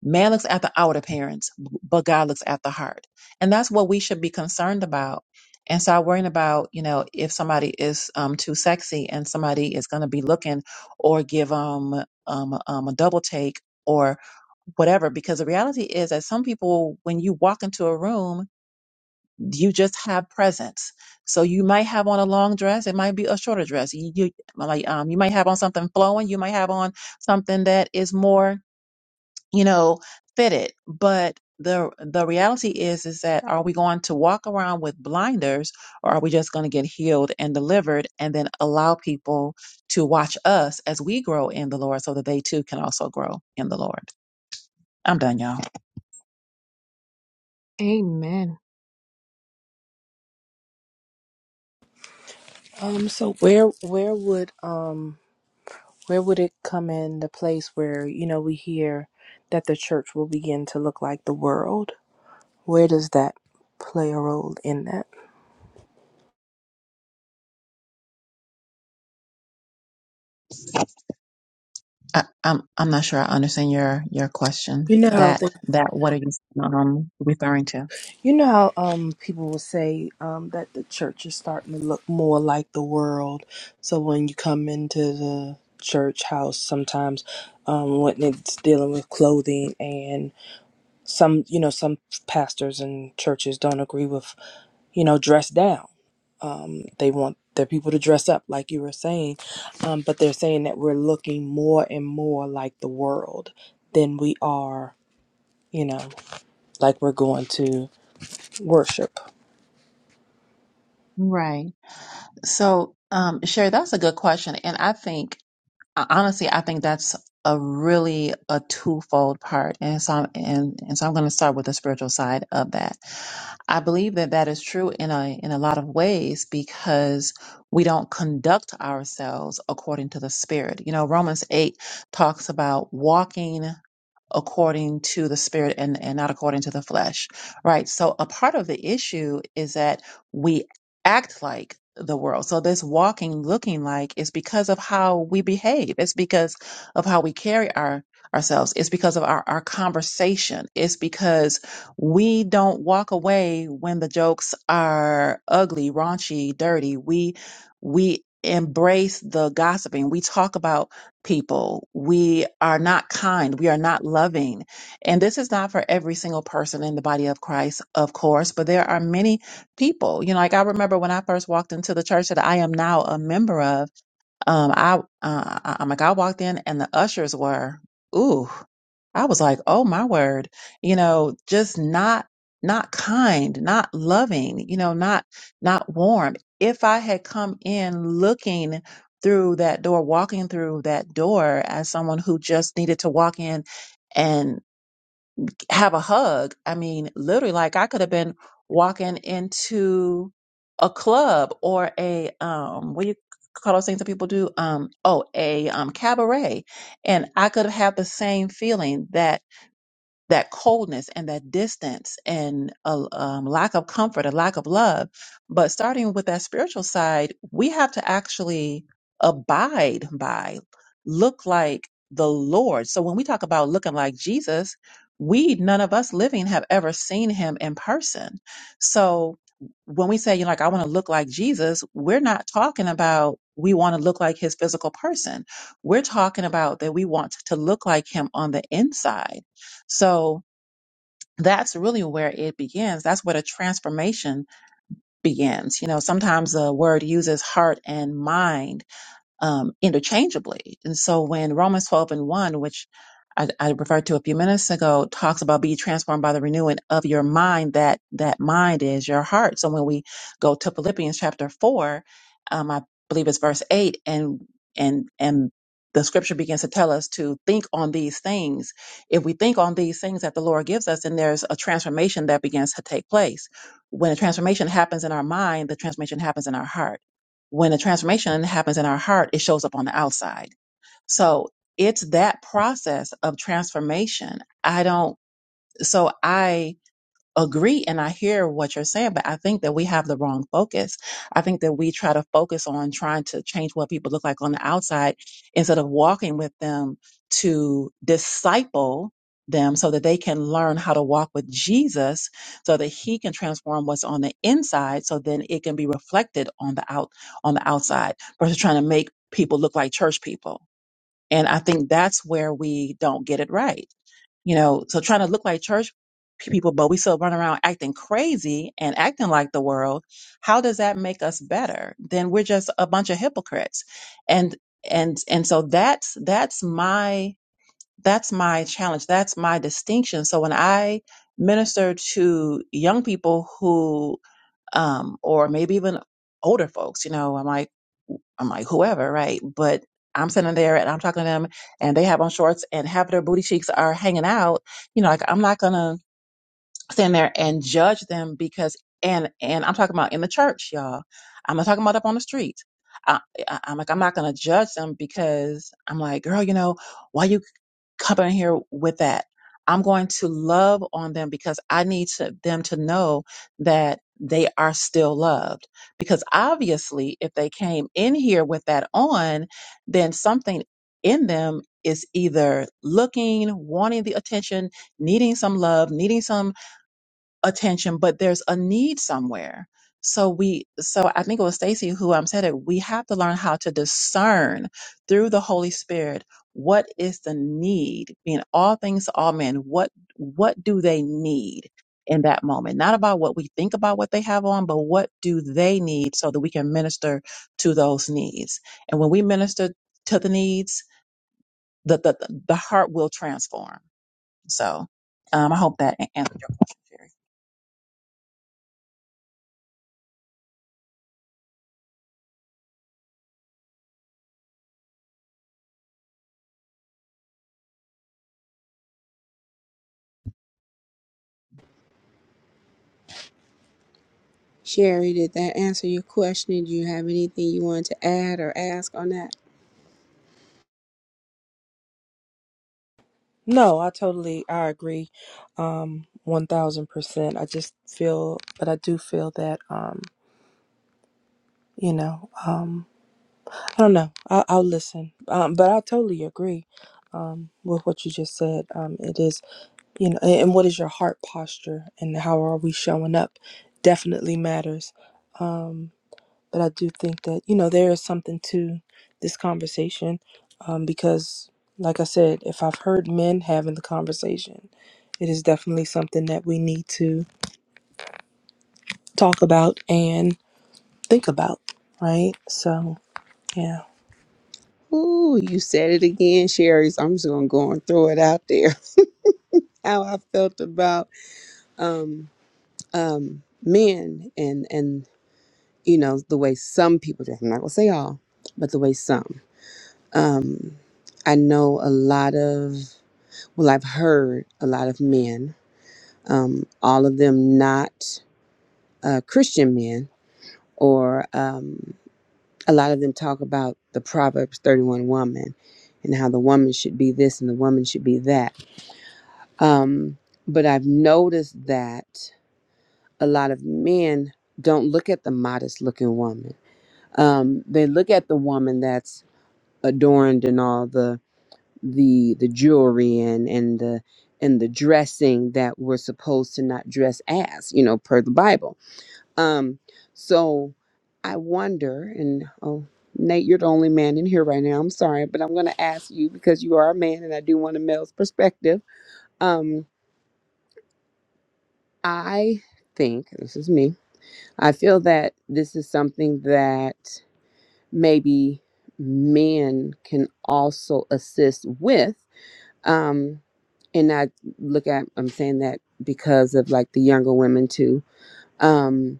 Speaker 1: Man looks at the outward appearance, but God looks at the heart. And that's what we should be concerned about. And start worrying about, you know, if somebody is um, too sexy and somebody is going to be looking or give um, um, um, a double take or whatever. Because the reality is that some people, when you walk into a room, you just have presence. So you might have on a long dress, it might be a shorter dress. You, you like um, you might have on something flowing, you might have on something that is more you know, fit it. But the the reality is is that are we going to walk around with blinders or are we just going to get healed and delivered and then allow people to watch us as we grow in the Lord so that they too can also grow in the Lord. I'm done, y'all.
Speaker 8: Amen.
Speaker 7: Um so where where would um where would it come in the place where, you know, we hear that the church will begin to look like the world? Where does that play a role in that?
Speaker 1: I, I'm I'm not sure I understand your your question.
Speaker 7: You know
Speaker 1: That that what are you um referring to?
Speaker 7: You know how um people will say um that the church is starting to look more like the world. So when you come into the church house sometimes um when it's dealing with clothing and some you know some pastors and churches don't agree with you know dress down um they want their people to dress up like you were saying um but they're saying that we're looking more and more like the world than we are you know like we're going to worship
Speaker 1: Right. So, um, Sherry, that's a good question, and I think uh, honestly, I think that's a really a twofold part, and so I'm, and and so I'm going to start with the spiritual side of that. I believe that that is true in a in a lot of ways because we don't conduct ourselves according to the spirit. You know, Romans eight talks about walking. according to the spirit and, and not according to the flesh, right? So a part of the issue is that we act like the world. So this walking, looking like is because of how we behave. It's because of how we carry our ourselves. It's because of our, our conversation. It's because we don't walk away when the jokes are ugly, raunchy, dirty. We we embrace the gossiping. We talk about people. We are not kind. We are not loving. And this is not for every single person in the body of Christ, of course, but there are many people. You know, like I remember when I first walked into the church that I am now a member of, um, I uh, I- I'm like I walked in and the ushers were, ooh, I was like, oh my word, you know, just not not kind, not loving, you know, not not warm. If I had come in looking through that door, walking through that door as someone who just needed to walk in have a hug. I mean, literally, like I could have been walking into a club or a um, what do you call those things that people do? Um, oh, a um, cabaret, and I could have had the same feeling that that coldness and that distance and a um, lack of comfort, a lack of love. But starting with that spiritual side, we have to actually abide by, look like the Lord. So when we talk about looking like Jesus, we, none of us living, have ever seen him in person. So when we say, you know, like, I want to look like Jesus, we're not talking about we want to look like his physical person. We're talking about that we want to look like him on the inside so that's really where it begins. That's where the transformation begins. You know, sometimes the word uses heart and mind um, interchangeably. And so when Romans 12 and 1, which I, I referred to a few minutes ago, talks about be transformed by the renewing of your mind, that that mind is your heart. So when we go to Philippians chapter 4, um, I believe it's verse 8, and and and the scripture begins to tell us to think on these things. If we think on these things that the Lord gives us, then there's a transformation that begins to take place. When a transformation happens in our mind, the transformation happens in our heart when a transformation happens in our heart, it shows up on the outside. So it's that process of transformation. I don't, so I, agree and I hear what you're saying, but I think that we have the wrong focus. I think that we try to focus on trying to change what people look like on the outside instead of walking with them to disciple them so that they can learn how to walk with Jesus so that he can transform what's on the inside so then it can be reflected on the out on the outside versus trying to make people look like church people. And I think that's where we don't get it right you know, so trying to look like church pe- people, but we still run around acting crazy and acting like the world. How does that make us better? Then we're just a bunch of hypocrites. And, and, and so that's, that's my, that's my challenge. That's my distinction. So when I minister to young people who, um, or maybe even older folks, you know, I'm like, I'm like, whoever, right? But I'm sitting there and I'm talking to them and they have on shorts and half of their booty cheeks are hanging out. You know, like I'm not gonna stand there and judge them because and and I'm talking about in the church, y'all. I'm not talking about up on the street. I, I, I'm like, I'm not gonna judge them because I'm like, girl, you know, why you come in here with that. I'm going to love on them because I need to, them to know that they are still loved. Because obviously, if they came in here with that on, then something in them is either looking, wanting the attention, needing some love, needing some attention, but there's a need somewhere. So we, so I think it was Stacy who um, said it. We have to learn how to discern through the Holy Spirit what is the need, being all things to all men. What what do they need in that moment? Not about what we think about what they have on, but what do they need so that we can minister to those needs. And when we minister to the needs, the the the heart will transform. So um, I hope that a- answered your question. Sherry.
Speaker 6: Sherry, did that answer your question? Do you have anything you want to add or ask on that?
Speaker 7: No, I totally I agree, um, one thousand percent. I just feel, but I do feel that, um, you know, I don't know. I'll, I'll listen, um, but I totally agree, um, with what you just said. Um, it is, you know, and and what is your heart posture and how are we showing up, definitely matters. But I do think that you know there is something to this conversation, um, because like I said, if I've heard men having the conversation, it is definitely something that we need to talk about and think about, right? So yeah.
Speaker 6: Ooh, you said it again, Sherry. So I'm just gonna go and throw it out there. how I felt about um, um, men and and you know the way some people dress. I'm not gonna say all, but the way some. Um, I know a lot of well, I've heard a lot of men, um, all of them not uh, Christian men, or um, a lot of them talk about the Proverbs 31 woman and how the woman should be this and the woman should be that. Um, but I've noticed that. a lot of men don't look at the modest looking woman. Um, they look at the woman that's adorned in all the the the jewelry and and the and the dressing that we're supposed to not dress as, you know, per the Bible. Um, so I wonder, and oh, Nate, you're the only man in here right now. I'm sorry, but I'm going to ask you because you are a man, and I do want a male's perspective. Um, I think this is me. I feel that this is something that maybe men can also assist with. Um, and I look at, I'm saying that because of like the younger women too. Um,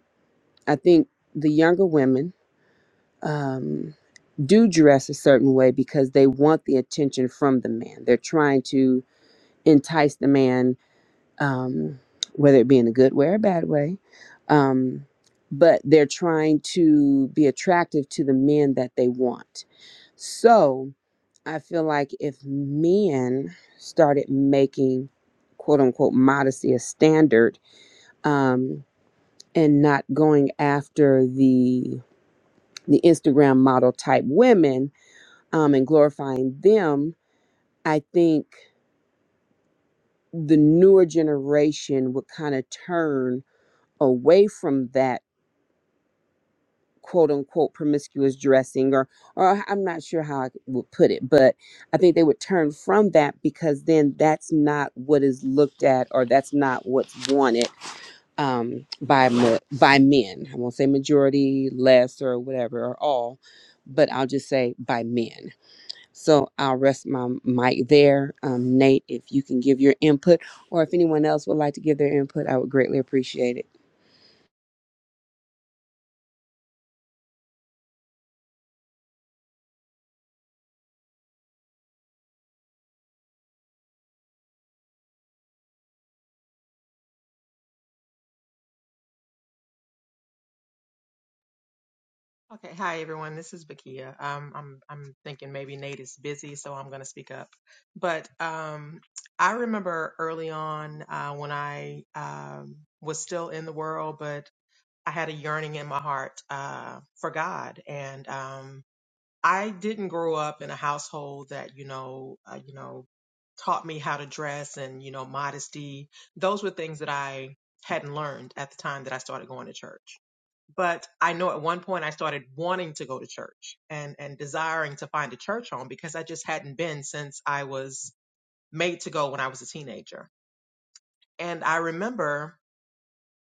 Speaker 6: I think the younger women um, do dress a certain way because they want the attention from the man. They're trying to entice the man um, whether it be in a good way or a bad way. Um, but they're trying to be attractive to the men that they want. So I feel like if men started making quote unquote modesty a standard um, and not going after the the Instagram model type women um, and glorifying them, I think the newer generation would kind of turn away from that quote unquote promiscuous dressing or or I'm not sure how I would put it, but I think they would turn from that because then that's not what is looked at or that's not what's wanted um by ma- by men. I won't say majority, less or whatever or all, but I'll just say by men. So I'll rest my mic there. Um Nate, if you can give your input or if anyone else would like to give their input, I would greatly appreciate it.
Speaker 9: Okay, hi everyone. This is Bakia. Um, I'm I'm thinking maybe Nate is busy, so I'm going to speak up. But um, I remember early on uh, when I um, was still in the world, but I had a yearning in my heart uh, for God, and um, I didn't grow up in a household that, you know, uh, you know, taught me how to dress and, you know, modesty. Those were things that I hadn't learned at the time that I started going to church. But I know at one point I started wanting to go to church and and desiring to find a church home because I just hadn't been since I was made to go when I was a teenager. And I remember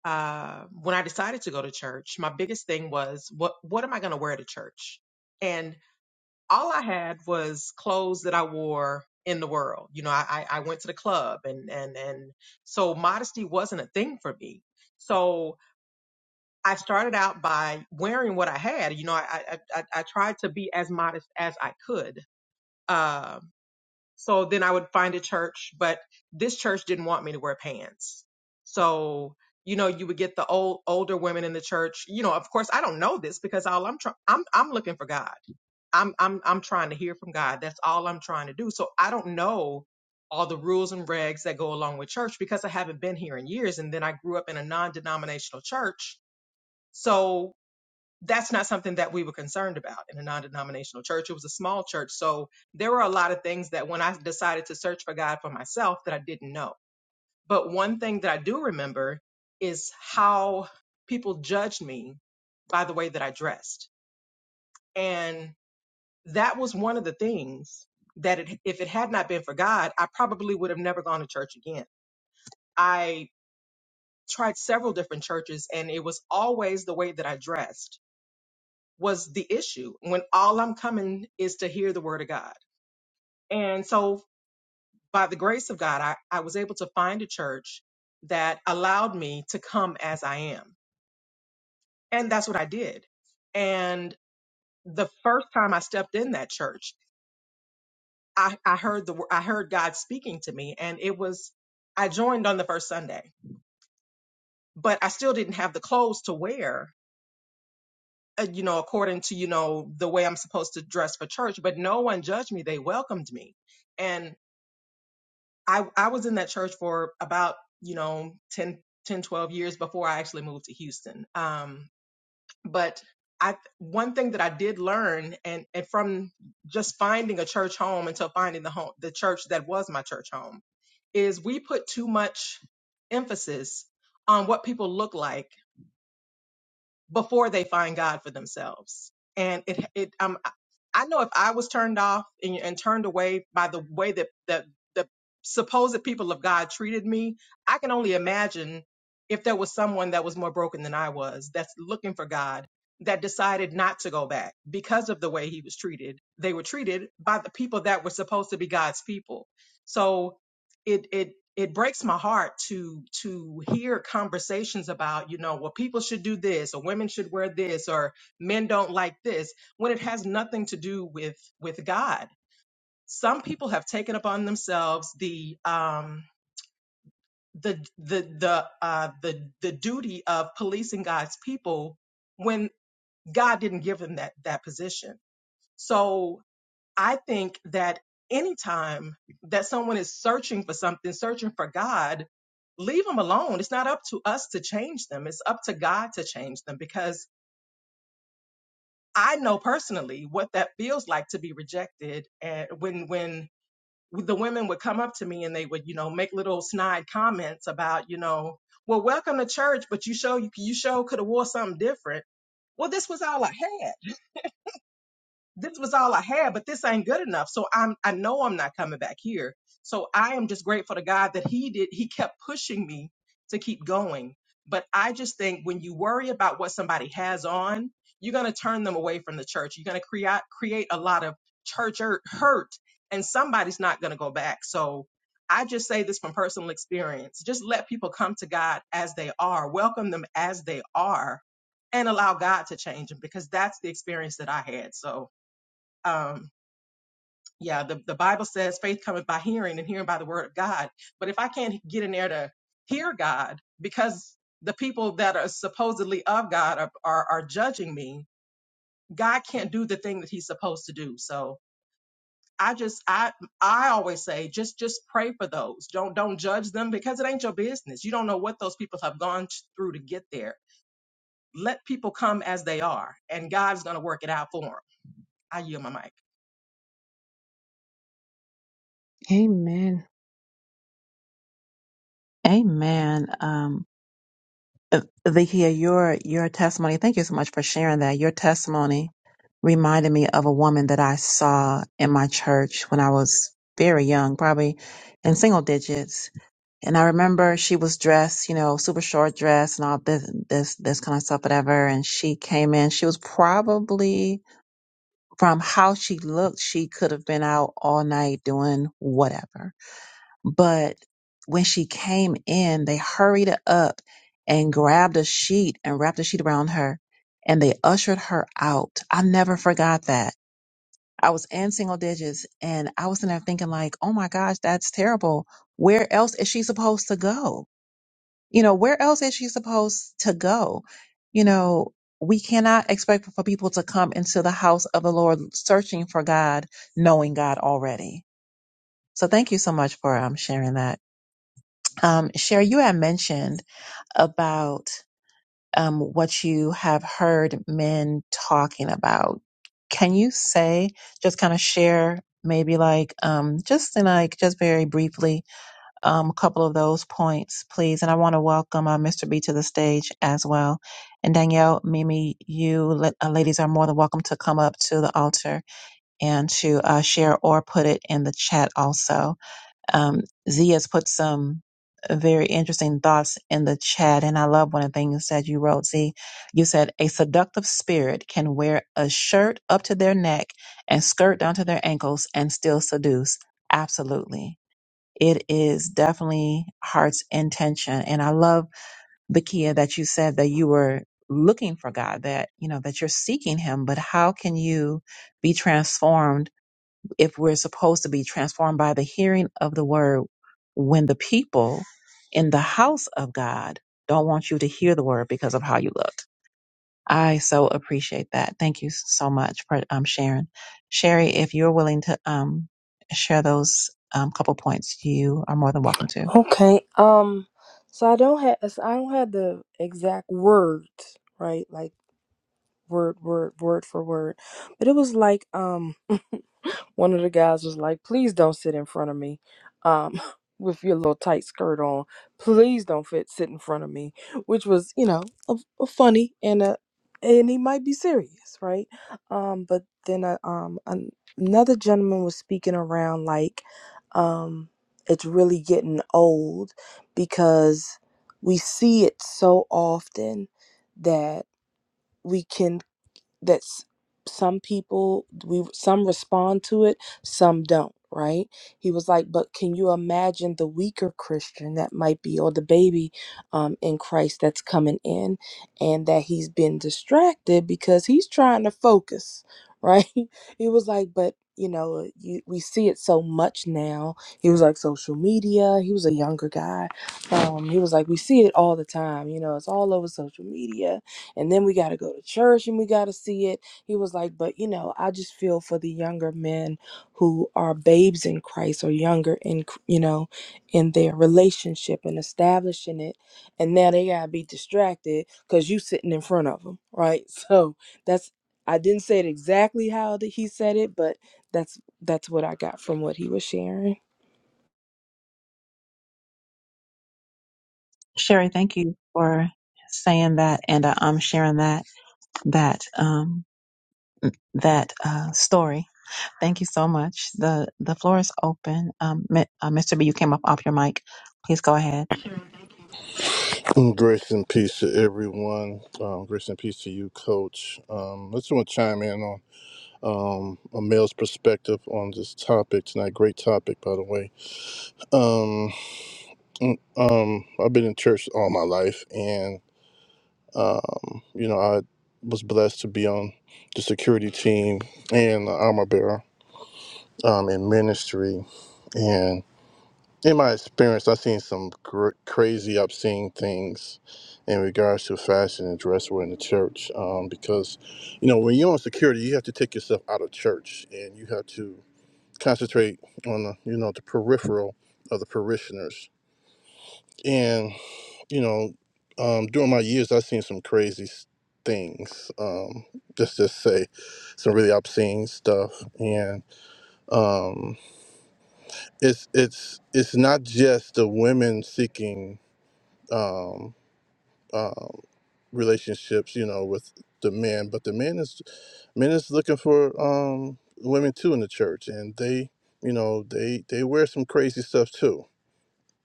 Speaker 9: uh, when I decided to go to church, my biggest thing was what what am I going to wear to church? and all I had was clothes that I wore in the world. You know, I, I I went to the club and and and so modesty wasn't a thing for me. So I started out by wearing what I had. You know, I I, I, I tried to be as modest as I could. Um, so then I would find a church, but this church didn't want me to wear pants. So you know, you would get the old older women in the church. You know, of course, I don't know this because all I'm try- I'm I'm looking for God. I'm I'm I'm trying to hear from God. That's all I'm trying to do. So I don't know all the rules and regs that go along with church because I haven't been here in years and then I grew up in a non-denominational church. So that's not something that we were concerned about in a non-denominational church. It was a small church. So there were a lot of things that when I decided to search for God for myself that I didn't know. But one thing that I do remember is how people judged me by the way that I dressed. and that was one of the things that it, if it had not been for God, I probably would have never gone to church again. I tried several different churches and it was always the way that I dressed was the issue when all I'm coming is to hear the word of God. And so by the grace of God, I, I was able to find a church that allowed me to come as I am. And that's what I did. And the first time I stepped in that church, I, I heard the I heard God speaking to me, and it was I joined on the first Sunday, but I still didn't have the clothes to wear, uh, you know, according to you know the way I'm supposed to dress for church. But no one judged me; they welcomed me, and I I was in that church for about you know 10 10 12 years before I actually moved to Houston. Um, but I one thing that I did learn and, and from just finding a church home until finding the home the church that was my church home is we put too much emphasis on what people look like before they find God for themselves. And it, it, um, I I know if I was turned off and, and turned away by the way that that the supposed people of God treated me, I can only imagine if there was someone that was more broken than I was, that's looking for God, that decided not to go back because of the way he was treated. They were treated by the people that were supposed to be God's people. So it it it breaks my heart to to hear conversations about you know well people should do this or women should wear this or men don't like this when it has nothing to do with with god some people have taken upon themselves the um the the the uh the the duty of policing god's people when god didn't give them that that position so I think that anytime that someone is searching for something, searching for God, leave them alone. It's not up to us to change them, it's up to God to change them because I know personally what that feels like to be rejected. And when, when, the women would come up to me and they would, you know, make little snide comments about, you know, well, welcome to church, but you show you you show could have wore something different. Well, this was all I had. this was all I had, but this ain't good enough. So I'm I know I'm not coming back here. So I am just grateful to God that He did He kept pushing me to keep going. But I just think when you worry about what somebody has on, you're gonna turn them away from the church. You're gonna create create a lot of church hurt, hurt, and somebody's not gonna go back. So I just say this from personal experience. Just let people come to God as they are, welcome them as they are, and allow God to change them because that's the experience that I had. So um yeah the, the bible says faith cometh by hearing and hearing by the word of god but if i can't get in there to hear god because the people that are supposedly of god are are, are judging me god can't do the thing that he's supposed to do so i just i i always say just just pray for those don't don't judge them because it ain't your business you don't know what those people have gone through to get there let people come as they are and god's going to work it out for them i yield my mic
Speaker 8: Amen.
Speaker 1: Amen. Um, uh, Vikia, your your testimony. Thank you so much for sharing that. Your testimony reminded me of a woman that I saw in my church when I was very young, probably in single digits. And I remember she was dressed, you know, super short dress and all this this this kind of stuff, whatever. And she came in. She was probably from how she looked, she could have been out all night doing whatever but when she came in, they hurried her up and grabbed a sheet and wrapped a sheet around her and they ushered her out. I never forgot that. I was in single digits and I was in there thinking like, oh my gosh, that's terrible. Where else is she supposed to go? You know, where else is she supposed to go? You know, we cannot expect for people to come into the house of the Lord searching for God, knowing God already. So thank you so much for um, sharing that. Um, Cher, you had mentioned about um, what you have heard men talking about. Can you say, just kind of share, maybe like, um, just in like, just very briefly, um, a couple of those points, please? And I want to welcome uh, Mr. B to the stage as well. And Danielle, Mimi, you la- uh, ladies are more than welcome to come up to the altar and to uh, share or put it in the chat also. Um, Z has put some uh, very interesting thoughts in the chat, and I love one of the things that you wrote. Z, you said a seductive spirit can wear a shirt up to their neck and skirt down to their ankles and still seduce. Absolutely. It is definitely heart's intention. And I love, Bakia, that you said that you were looking for God, that, you know, that you're seeking Him, but how can you be transformed? if we're supposed to be transformed by the hearing of the word when the people in the house of God don't want you to hear the word because of how you look. I so appreciate that. Thank you so much for um, sharing. Sherry, if you're willing to um, share those um, couple points, you are more than welcome to.
Speaker 7: Okay. Um. So I don't have so I don't have the exact words, right? Like word, word, word for word, but it was like um one of the guys was like, "Please don't sit in front of me, um, <laughs> with your little tight skirt on. Please don't fit sit in front of me," which was, you know, a, a funny and a and he might be serious, right? Um, but then uh, um an, another gentleman was speaking around like, um, it's really getting old because we see it so often that we can that's some people we some respond to it some don't right he was like but can you imagine the weaker christian that might be or the baby um, in christ that's coming in and that he's been distracted because he's trying to focus right <laughs> he was like but you know you, we see it so much now he was like social media he was a younger guy um, he was like we see it all the time you know it's all over social media and then we got to go to church and we got to see it. He was like, but you know, I just feel for the younger men who are babes in Christ or younger in, you know, in their relationship and establishing it. And now they got to be distracted because you sitting in front of them, right? <laughs> So that's, I didn't say it exactly how that he said it, but that's that's what I got from what he was sharing.
Speaker 1: Sherry, thank you for saying that and uh, um, sharing that that um, that uh, story Thank you so much. The the floor is open. Um, Mi- uh, Mr. B, you came up off your mic. Please go ahead.
Speaker 10: Grace and peace to everyone. Um, grace and peace to you, Coach. Um, I just want to chime in on um, a male's perspective on this topic tonight. Great topic, by the way. Um, mm, um, I've been in church all my life, and um, you know, I was blessed to be on the security team and the armor bearer um, in ministry. in my experience, I've seen some cr- crazy, obscene things in regards to fashion and dress wear in the church. Um, because, you know, when you're on security, you have to take yourself out of church and you have to concentrate on the, you know, the peripheral of the parishioners. And, you know, um, during my years, I've seen some crazy s- things. Um, just to say, some really obscene stuff. And um, it's it's it's not just the women seeking um, um, relationships, you know, with the men. But the men is men is looking for um, women too in the church, and they, you know, they they wear some crazy stuff too.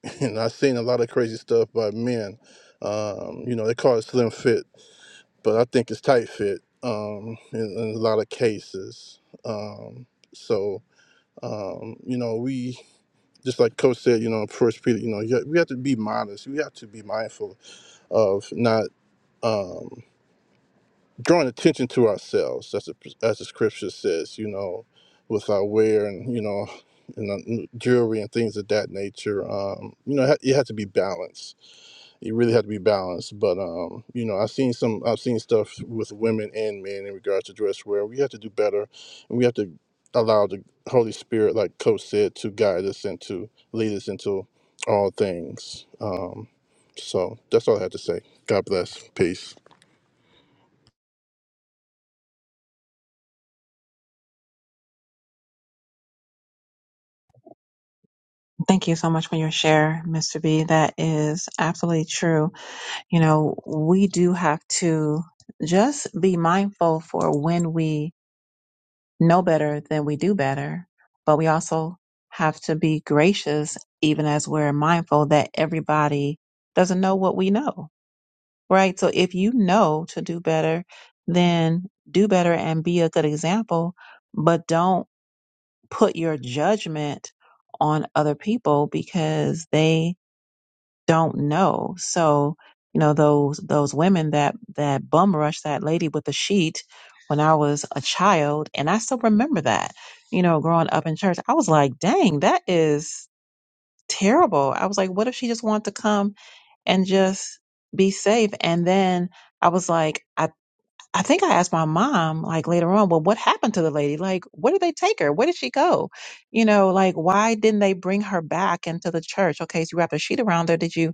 Speaker 10: <laughs> And I've seen a lot of crazy stuff by men. Um, you know, they call it slim fit, but I think it's tight fit um, in, in a lot of cases. Um, so um, you know, we just like Coach said, you know, First Peter, you know, you got- we have to be modest. We have to be mindful of not. um. drawing attention to ourselves, as the, as the scripture says, you know, with our wear and you know, and uh, jewelry and things of that nature. Um, you know, it ha- it had to be balanced. You really had to be balanced. But um, you know, I've seen some, I've seen stuff with women and men in regards to dress wear. We have to do better, and we have to allow the Holy Spirit, like Coach said, to guide us and to lead us into all things. Um, so that's all I had to say. God bless. Peace.
Speaker 1: Thank you so much for your share, Mr. B. That is absolutely true. You know, we do have to just be mindful for when we know better than we do better, but we also have to be gracious even as we're mindful that everybody doesn't know what we know. right? So if you know to do better, then do better and be a good example, but don't put your judgment on other people because they don't know. So, you know, those those women that that bum rushed that lady with the sheet when I was a child, and I still remember that, you know, growing up in church, I was like, dang, that is terrible. I was like, what if she just wanted to come and just be safe? And then I was like, "I." I think I asked my mom like later on, well, what happened to the lady? Like, where did they take her? Where did she go? You know, like, why didn't they bring her back into the church? Okay, so you wrapped a sheet around her. Did you?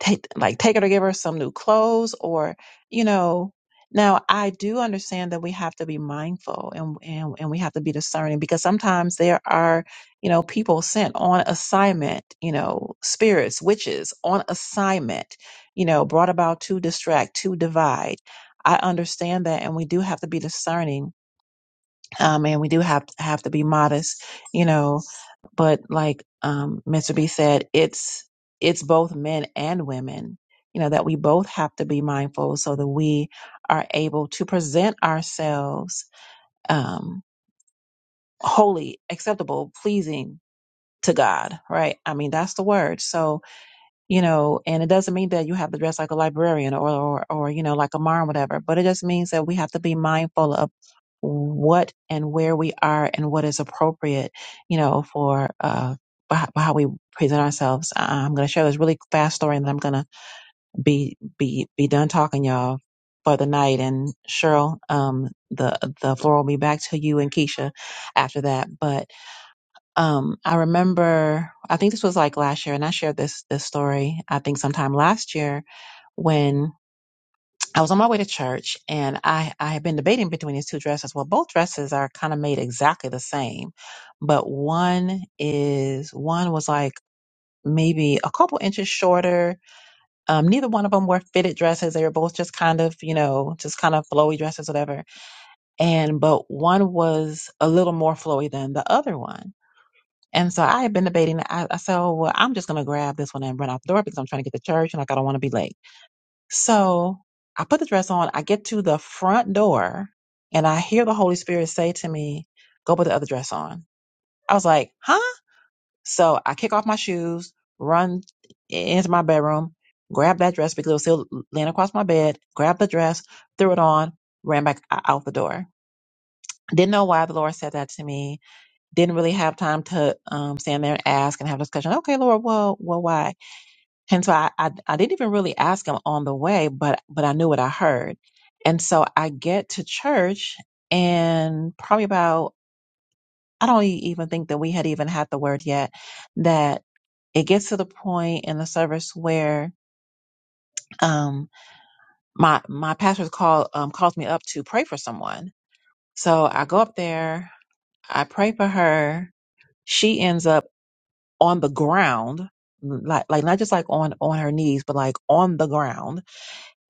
Speaker 1: take like take her to give her some new clothes or you know now i do understand that we have to be mindful and and, and we have to be discerning because sometimes there are you know people sent on assignment you know spirits witches on assignment you know brought about to distract to divide I understand that, and we do have to be discerning, um, and we do have have to be modest, you know, but like um, Mr. B said, it's it's both men and women. You know that we both have to be mindful so that we are able to present ourselves um, holy, acceptable, pleasing to God. Right? I mean, that's the word. So you know, and it doesn't mean that you have to dress like a librarian or, or, or you know, like a mom, or whatever, but it just means that we have to be mindful of what and where we are and what is appropriate, you know, for, uh, for how we present ourselves. Uh, I'm going to share this really fast story and then I'm going to be, be, be done talking y'all for the night. And Cheryl, um, the, the floor will be back to you and Keisha after that. But um, I remember, I think this was like last year, and I shared this this story. I think sometime last year when I was on my way to church, and I I had been debating between these two dresses. Well, both dresses are kind of made exactly the same, but one is one was like maybe a couple inches shorter. Um, neither one of them were fitted dresses. They were both just kind of you know just kind of flowy dresses, whatever. And but one was a little more flowy than the other one. And so I had been debating. I, I said, oh, well, I'm just going to grab this one and run out the door because I'm trying to get to church and like I don't want to be late. So I put the dress on. I get to the front door and I hear the Holy Spirit say to me, go put the other dress on. I was like, huh? So I kick off my shoes, run into my bedroom, grab that dress because it was still laying across my bed, grab the dress, threw it on, ran back o- out the door. Didn't know why the Lord said that to me didn't really have time to um, stand there and ask and have a discussion. Okay, Lord, well, well, why? And so I, I, I didn't even really ask him on the way, but but I knew what I heard. And so I get to church, and probably about I don't e- even think that we had even had the word yet that it gets to the point in the service where um, my my pastor's call um, calls me up to pray for someone. So I go up there, I pray for her. She ends up on the ground like like not just like on on her knees but like on the ground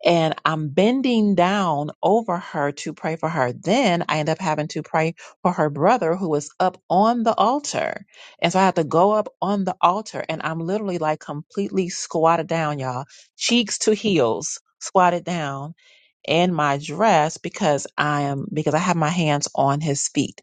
Speaker 1: and i'm bending down over her to pray for her then i end up having to pray for her brother who is up on the altar and so i have to go up on the altar and i'm literally like completely squatted down y'all cheeks to heels squatted down in my dress because i am because i have my hands on his feet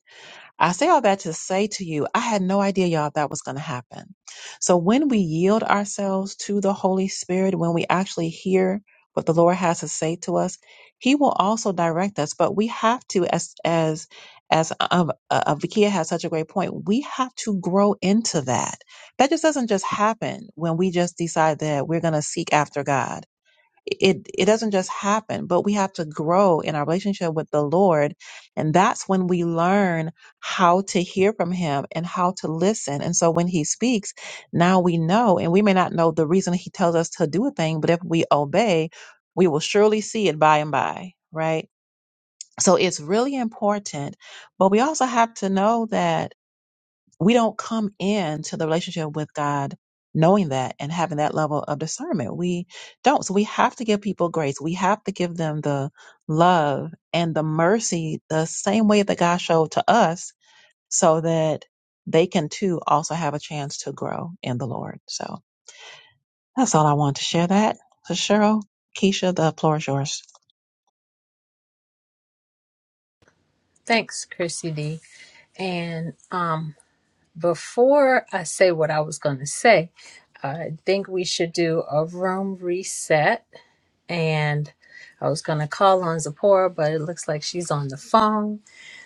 Speaker 1: I say all that to say to you, I had no idea, y'all, that was going to happen. So when we yield ourselves to the Holy Spirit, when we actually hear what the Lord has to say to us, He will also direct us. But we have to, as as as um, uh, uh, Vikia has such a great point, we have to grow into that. That just doesn't just happen when we just decide that we're going to seek after God it it doesn't just happen but we have to grow in our relationship with the lord and that's when we learn how to hear from him and how to listen and so when he speaks now we know and we may not know the reason he tells us to do a thing but if we obey we will surely see it by and by right so it's really important but we also have to know that we don't come into the relationship with God knowing that and having that level of discernment. We don't. So we have to give people grace. We have to give them the love and the mercy the same way that God showed to us so that they can too also have a chance to grow in the Lord. So that's all I want to share that. So Cheryl, Keisha, the floor is yours.
Speaker 4: Thanks, Chrissy D. And um, before I say what I was going to say, I think we should do a room reset. And I was going to call on Zipporah, but it looks like she's on the phone.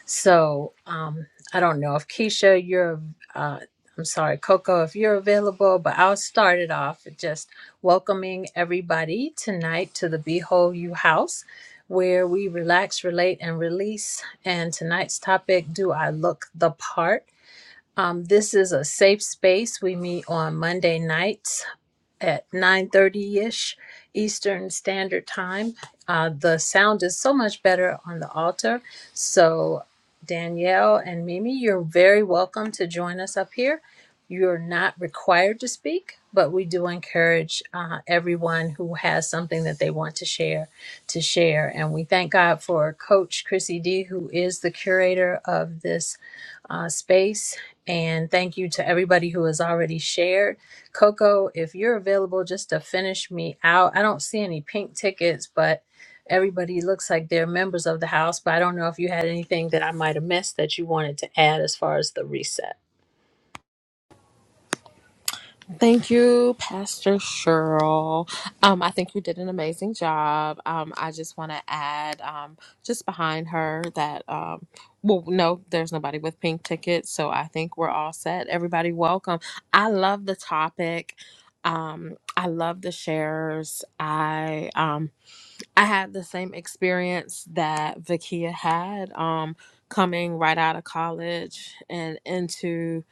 Speaker 4: So um, I don't know if Keisha, you're, uh, I'm sorry, Coco, if you're available, but I'll start it off with just welcoming everybody tonight to the Behold You House, where we relax, relate, and release. And tonight's topic Do I Look the Part? Um, this is a safe space. We meet on Monday nights at 9.30ish eastern standard time uh, the sound is so much better on the altar so danielle and mimi you're very welcome to join us up here you're not required to speak but we do encourage uh, everyone who has something that they want to share to share and we thank god for coach chrissy d who is the curator of this uh, space and thank you to everybody who has already shared Coco, if you're available just to finish me out, I don't see any pink tickets, but everybody looks like they're members of the house. But I don't know if you had anything that I might have missed that you wanted to add as far as the reset.
Speaker 5: Thank you, Pastor Cheryl. Um, I think you did an amazing job. Um, I just want to add, um, just behind her that, um, well, no, there's nobody with pink tickets, so I think we're all set. Everybody, welcome. I love the topic. Um, I love the shares. I um, I had the same experience that Vakia had um, coming right out of college and into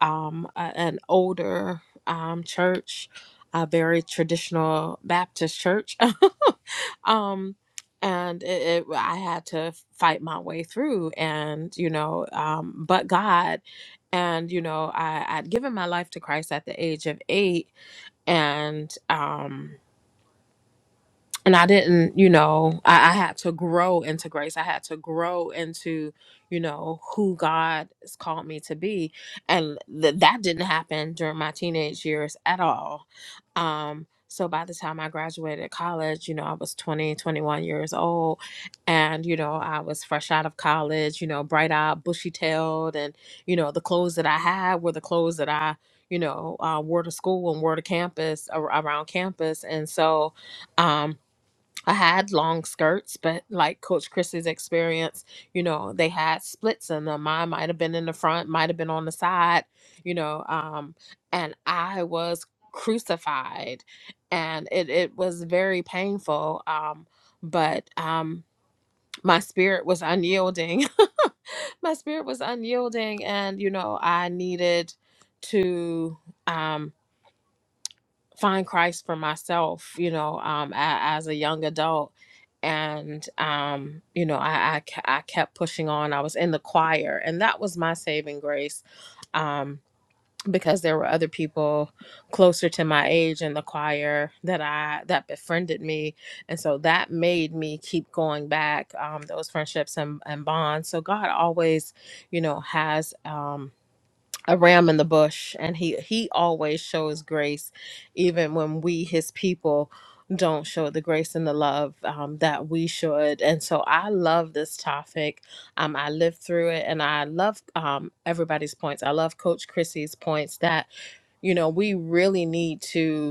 Speaker 5: um, a- an older um, church, a very traditional Baptist church. <laughs> um, and it, it, I had to fight my way through, and you know, um, but God, and you know, I, I'd given my life to Christ at the age of eight, and um, and I didn't, you know, I, I had to grow into grace. I had to grow into, you know, who God has called me to be. And th- that didn't happen during my teenage years at all. Um, so by the time I graduated college, you know, I was 20, 21 years old. And, you know, I was fresh out of college, you know, bright eyed, bushy tailed. And, you know, the clothes that I had were the clothes that I, you know, uh, wore to school and wore to campus, ar- around campus. And so, um, I had long skirts, but like Coach Chris's experience, you know, they had splits in them. Mine might have been in the front, might have been on the side, you know, um, and I was crucified, and it it was very painful. Um, but um, my spirit was unyielding. <laughs> my spirit was unyielding, and you know, I needed to. Um, find Christ for myself, you know, um, a, as a young adult. And, um, you know, I, I, ke- I kept pushing on. I was in the choir, and that was my saving grace um, because there were other people closer to my age in the choir that I that befriended me, and so that made me keep going back um, those friendships and, and bonds. So God always, you know, has. Um, a ram in the bush and he he always shows grace even when we his people don't show the grace and the love um, that we should and so i love this topic um, i lived through it and i love um, everybody's points i love coach chrissy's points that you know we really need to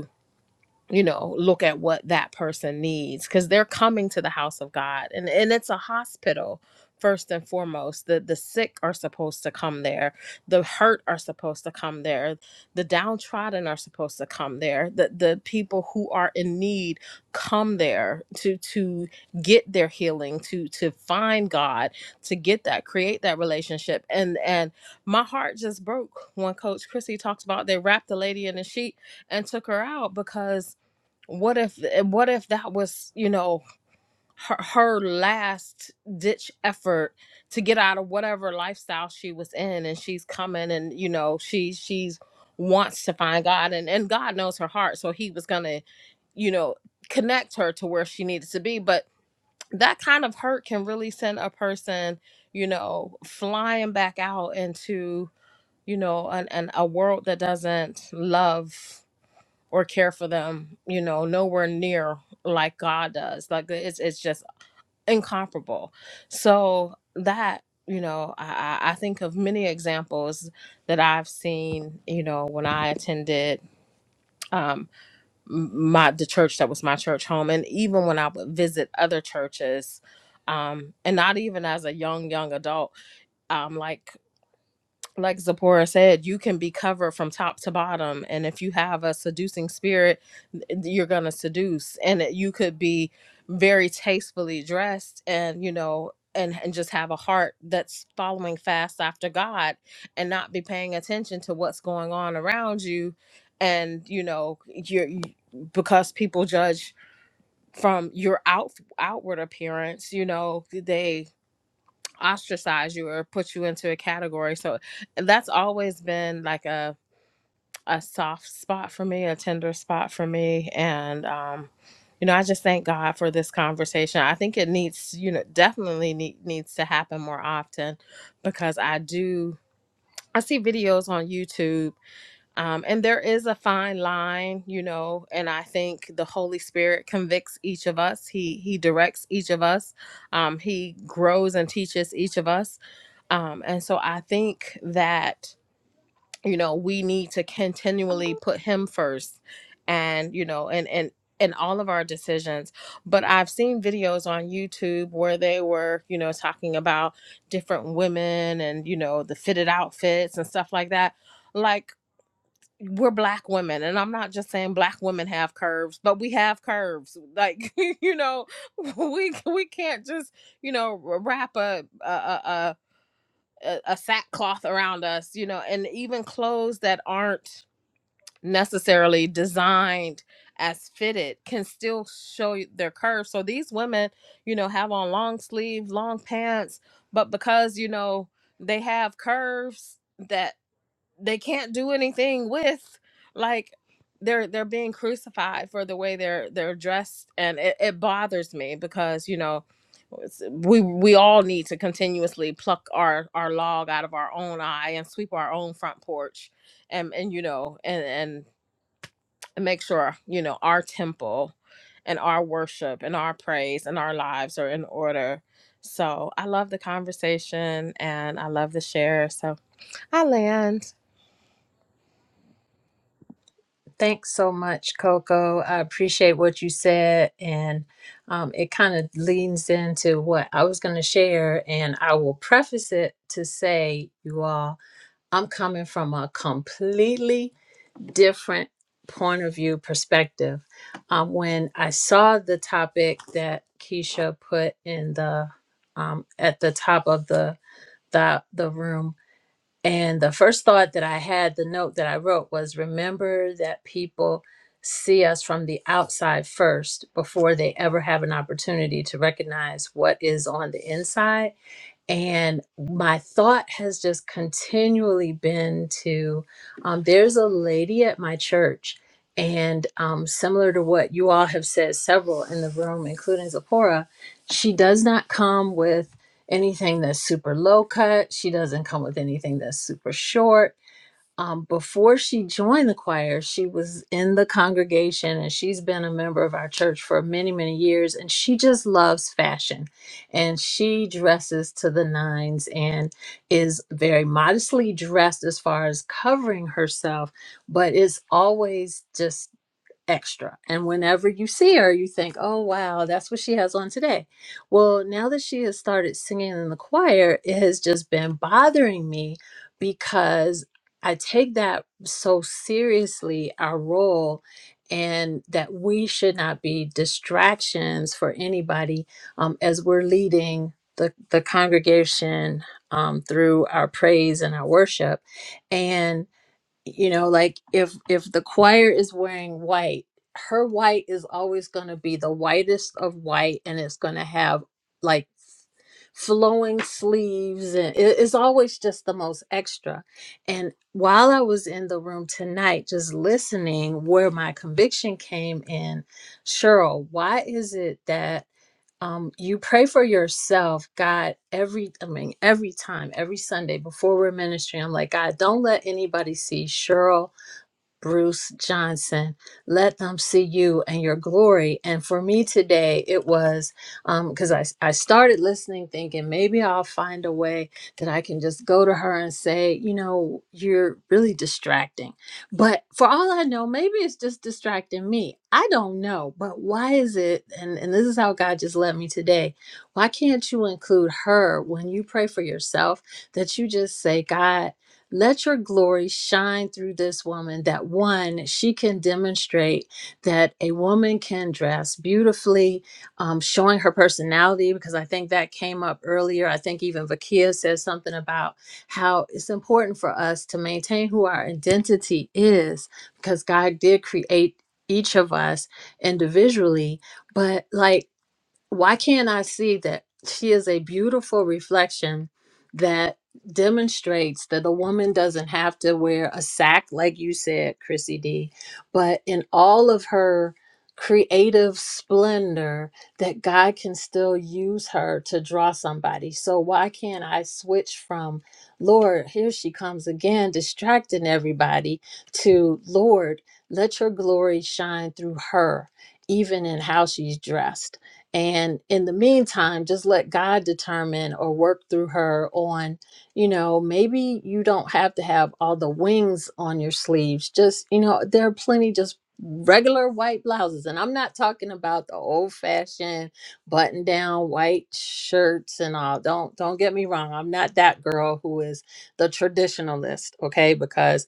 Speaker 5: you know look at what that person needs because they're coming to the house of god and and it's a hospital first and foremost the the sick are supposed to come there the hurt are supposed to come there the downtrodden are supposed to come there the the people who are in need come there to to get their healing to to find god to get that create that relationship and and my heart just broke when coach chrissy talks about they wrapped the lady in a sheet and took her out because what if what if that was you know her, her last ditch effort to get out of whatever lifestyle she was in and she's coming and you know she she's wants to find god and and god knows her heart so he was gonna you know connect her to where she needed to be but that kind of hurt can really send a person you know flying back out into you know an, an a world that doesn't love or care for them, you know, nowhere near like God does. Like it's it's just incomparable. So that you know, I, I I think of many examples that I've seen. You know, when I attended um, m- my the church that was my church home, and even when I would visit other churches, um, and not even as a young young adult, um, like like Zipporah said, you can be covered from top to bottom. And if you have a seducing spirit, you're going to seduce. And it- you could be very tastefully dressed and, you know, and, and just have a heart that's following fast after God and not be paying attention to what's going on around you. And, you know, you're you, because people judge from your out outward appearance, you know, they ostracize you or put you into a category. So that's always been like a a soft spot for me, a tender spot for me, and um, you know, I just thank God for this conversation. I think it needs, you know, definitely need, needs to happen more often because I do. I see videos on YouTube um, and there is a fine line, you know, and I think the Holy Spirit convicts each of us. He he directs each of us. Um, he grows and teaches each of us. Um, and so I think that, you know, we need to continually put him first and, you know, and and in all of our decisions. But I've seen videos on YouTube where they were, you know, talking about different women and, you know, the fitted outfits and stuff like that like we're black women and i'm not just saying black women have curves but we have curves like <laughs> you know we we can't just you know wrap a a a, a, a sackcloth around us you know and even clothes that aren't necessarily designed as fitted can still show you their curves so these women you know have on long sleeve long pants but because you know they have curves that they can't do anything with like they're they're being crucified for the way they're they're dressed and it, it bothers me because you know it's- we we all need to continuously pluck our our log out of our own eye and sweep our own front porch and and you know and and make sure you know our temple and our worship and our praise and our lives are in order so i love the conversation and i love the share so I land.
Speaker 4: Thanks so much, Coco. I appreciate what you said. And um, it kind of leans into what I was going to share. And I will preface it to say, you all, I'm coming from a completely different point of view perspective. Um, when I saw the topic that Keisha put in the um, at the top of the, the the room, and the first thought that I had, the note that I wrote was, "Remember that people see us from the outside first before they ever have an opportunity to recognize what is on the inside." And my thought has just continually been to um, there's a lady at my church, and um, similar to what you all have said, several in the room, including Zipporah, she does not come with anything that's super low cut. She doesn't come with anything that's super short um, before she joined the choir, she was in the congregation and she's been a member of our church for many, many years. And she just loves fashion and she dresses to the nines and is very modestly dressed as far as covering herself, but is always just extra. And whenever you see her, you think, oh, wow, that's what she has on today. Well, now that she has started singing in the choir, it has just been bothering me because I take that so seriously, our role. And that we should not be distractions for anybody um, as we're leading the, the congregation um, through our praise and our worship. And you know like if if the choir is wearing white her white is always going to be the whitest of white and it's going to have like flowing sleeves and it- it's always just the most extra and while i was in the room tonight just listening where my conviction came in cheryl why is it that um, you pray for yourself, God, every, I mean, every time, every Sunday before we're ministering, I'm like, God, don't let anybody see Cheryl Bruce Johnson. Let them see you and your glory. And for me today, it was because I, I started listening, thinking maybe I'll find a way that I can just go to her and say, you know, you're really distracting. But for all I know, maybe it's just distracting me. I don't know. But why is it? And, and this is how God just led me today. Why can't you include her when you pray for yourself that you just say, God, let your glory shine through this woman that one, she can demonstrate that a woman can dress beautifully, um, showing her personality, because I think that came up earlier. I think even Vakia says something about how it's important for us to maintain who our identity is, because God did create each of us individually. But like, why can't I see that she is a beautiful reflection that demonstrates that a woman doesn't have to wear a sack, like you said, Chrissy D, but in all of her creative splendor, that God can still use her to draw somebody. So, why can't I switch from, Lord, here she comes again, distracting everybody, to, Lord, let your glory shine through her, even in how she's dressed? and in the meantime just let god determine or work through her on you know maybe you don't have to have all the wings on your sleeves just you know there are plenty just regular white blouses and i'm not talking about the old fashioned button down white shirts and all don't don't get me wrong i'm not that girl who is the traditionalist okay because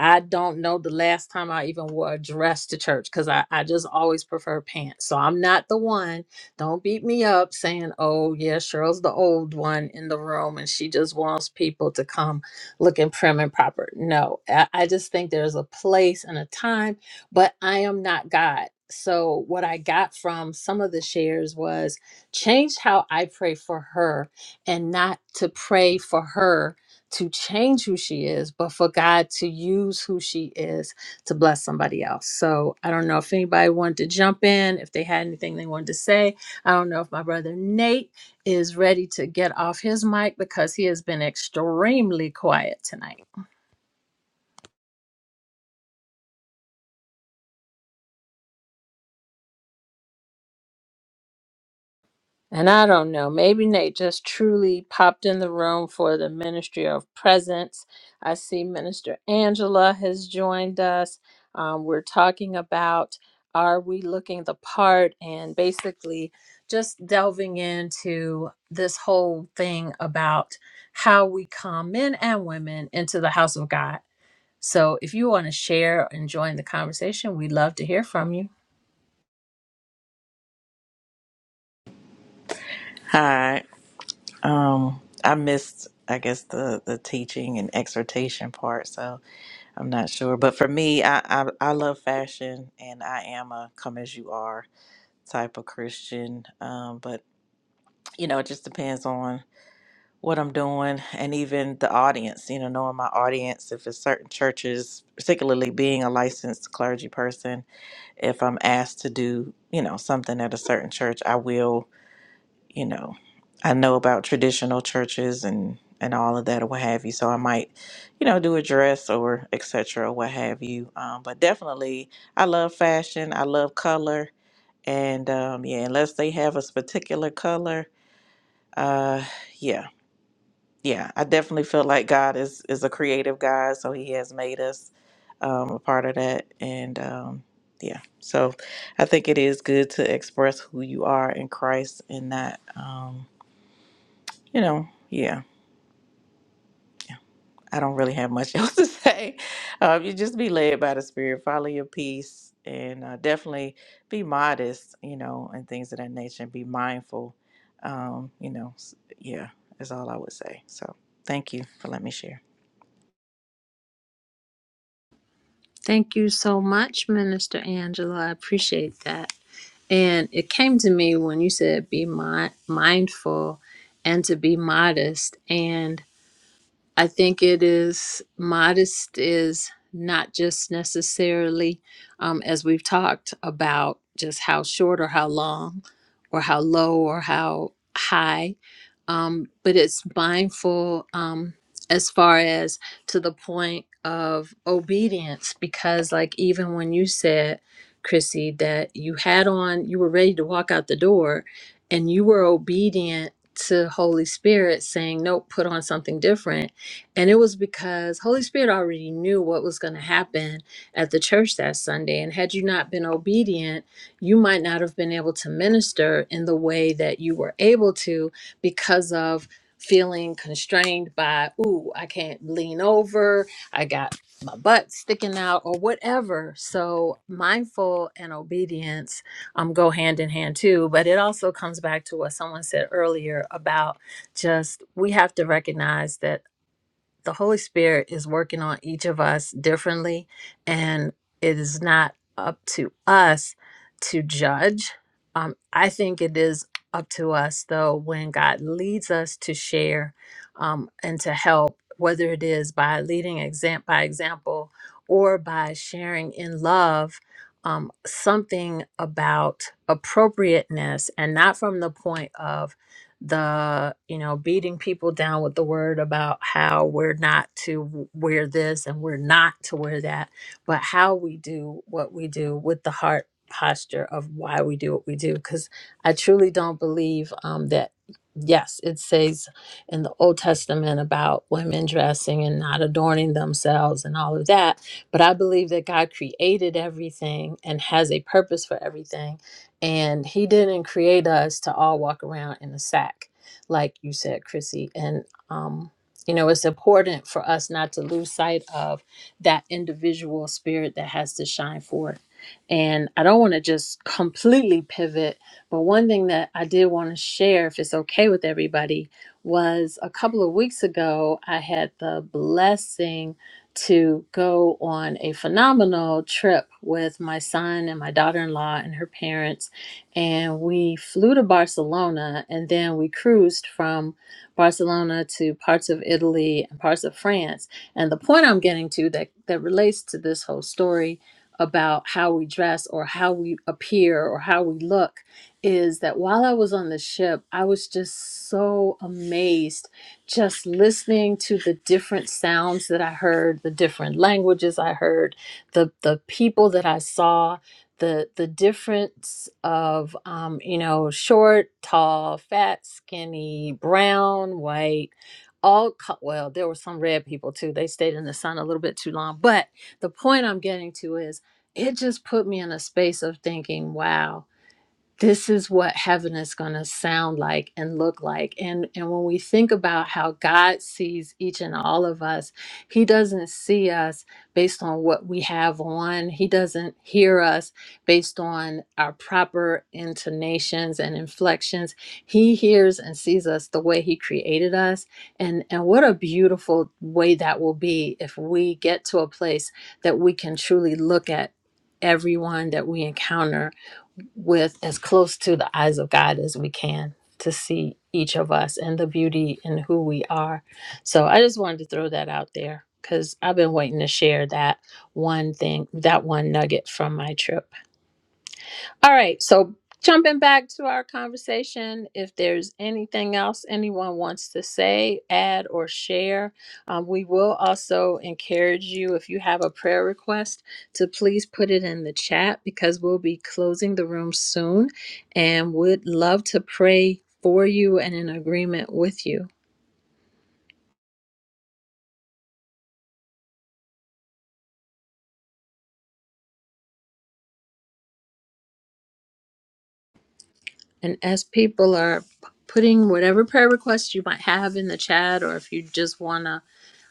Speaker 4: I don't know the last time I even wore a dress to church because I, I just always prefer pants. So I'm not the one don't beat me up saying, oh, yeah, Cheryl's the old one in the room and she just wants people to come looking prim and proper. No, I, I just think there's a place and a time, but I am not God. So, what I got from some of the shares was change how I pray for her and not to pray for her to change who she is, but for God to use who she is to bless somebody else. So, I don't know if anybody wanted to jump in, if they had anything they wanted to say I don't know if my brother Nate is ready to get off his mic because he has been extremely quiet tonight. And I don't know, maybe Nate just truly popped in the room for the Ministry of Presence. I see Minister Angela has joined us. Um, we're talking about are we looking the part and basically just delving into this whole thing about how we come men and women into the house of God So if you want to share and join the conversation, we'd love to hear from you.
Speaker 11: Hi. Um, I missed, I guess, the the teaching and exhortation part, so I'm not sure. But for me, I I, I love fashion, and I am a come as you are type of Christian. Um, but you know, it just depends on what I'm doing, and even the audience. You know, knowing my audience, if it's certain churches, particularly being a licensed clergy person, if I'm asked to do, you know, something at a certain church, I will you know, I know about traditional churches and and all of that or what have you. So I might, you know, do a dress or etc. or what have you. Um, but definitely, I love fashion. I love color, and um, yeah, unless they have a particular color, uh, yeah, yeah, I definitely feel like God is is a creative God, so He has made us um, a part of that, and um, yeah, so I think it is good to express who you are in Christ and not. Um, you know, yeah, yeah. I don't really have much <laughs> else to say. Um, you just be led by the Spirit, follow your peace, and uh, definitely be modest, you know, and things of that nature, and be mindful. Um, you know, s- yeah, is all I would say. So thank you for letting me share.
Speaker 4: Thank you so much, Minister Angela. I appreciate that. And it came to me when you said be mi- mindful and to be modest. And I think it is modest is not just necessarily, um, as we've talked about, just how short or how long, or how low or how high, um, but it's mindful um, as far as to the point of obedience. Because, like, even when you said, Chrissy, that you had on, you were ready to walk out the door, and you were obedient to Holy Spirit saying, "Nope, put on something different." And it was because Holy Spirit already knew what was going to happen at the church that Sunday. And had you not been obedient, you might not have been able to minister in the way that you were able to because of feeling constrained by, ooh, I can't lean over, I got my butt sticking out, or whatever. So mindful and obedience um, go hand in hand too. But it also comes back to what someone said earlier about just we have to recognize that the Holy Spirit is working on each of us differently, and it is not up to us to judge. Um, I think it is up to us, though, when God leads us to share um, and to help, whether it is by leading exam- by example or by sharing in love. Um, something about appropriateness and not from the point of the you know beating people down with the word about how we're not to wear this and we're not to wear that but how we do what we do with the heart posture of why we do what we do because i truly don't believe um, that yes it says in the old testament about women dressing and not adorning themselves and all of that but i believe that god created everything and has a purpose for everything and he didn't create us to all walk around in a sack like you said chrissy and um you know it's important for us not to lose sight of that individual spirit that has to shine forth and i don't want to just completely pivot but one thing that i did want to share if it's okay with everybody was a couple of weeks ago i had the blessing to go on a phenomenal trip with my son and my daughter-in-law and her parents and we flew to Barcelona and then we cruised from Barcelona to parts of Italy and parts of France. And the point I'm getting to that, that relates to this whole story about how we dress or how we appear or how we look is that while I was on the ship, I was just so amazed just listening to the different sounds that I heard, the different languages I heard, the the people that I saw the the difference of um, you know short, tall, fat, skinny, brown, white, all co- well there were some red people too. They stayed in the sun a little bit too long. But the point I'm getting to is it just put me in a space of thinking, wow this is what heaven is going to sound like and look like and and when we think about how god sees each and all of us he doesn't see us based on what we have on he doesn't hear us based on our proper intonations and inflections he hears and sees us the way he created us and and what a beautiful way that will be if we get to a place that we can truly look at everyone that we encounter with as close to the eyes of God as we can to see each of us and the beauty and who we are. So I just wanted to throw that out there because I've been waiting to share that one thing, that one nugget from my trip. All right. So jumping back to our conversation, if there's anything else anyone wants to say, add, or share, um, we will also encourage you if you have a prayer request to please put it in the chat because we'll be closing the room soon and would love to pray for you and in agreement with you. And as people are p- putting whatever prayer requests you might have in the chat, or if you just want to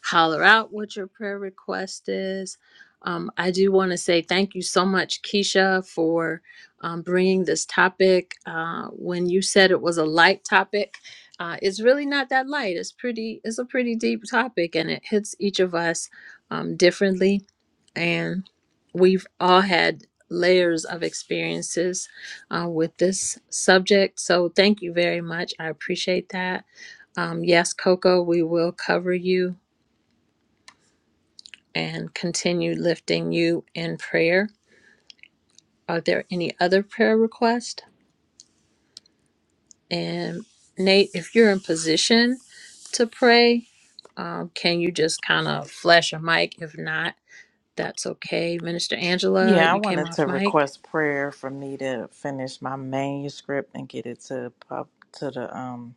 Speaker 4: holler out what your prayer request is, um, I do want to say thank you so much, Keisha, for um, bringing this topic. Uh, when you said it was a light topic, uh, it's really not that light. It's pretty. It's a pretty deep topic, and it hits each of us um, differently. And we've all had layers of experiences uh, with this subject. So thank you very much. I appreciate that. Um, yes, Coco, we will cover you and continue lifting you in prayer. Are there any other prayer requests? And Nate, if you're in position to pray, um, can you just kind of flash a mic? If not, that's okay. Minister Angela,
Speaker 11: Yeah, I
Speaker 4: you came
Speaker 11: wanted
Speaker 4: off
Speaker 11: to
Speaker 4: mic.
Speaker 11: request prayer for me to finish my manuscript and get it to pub to the um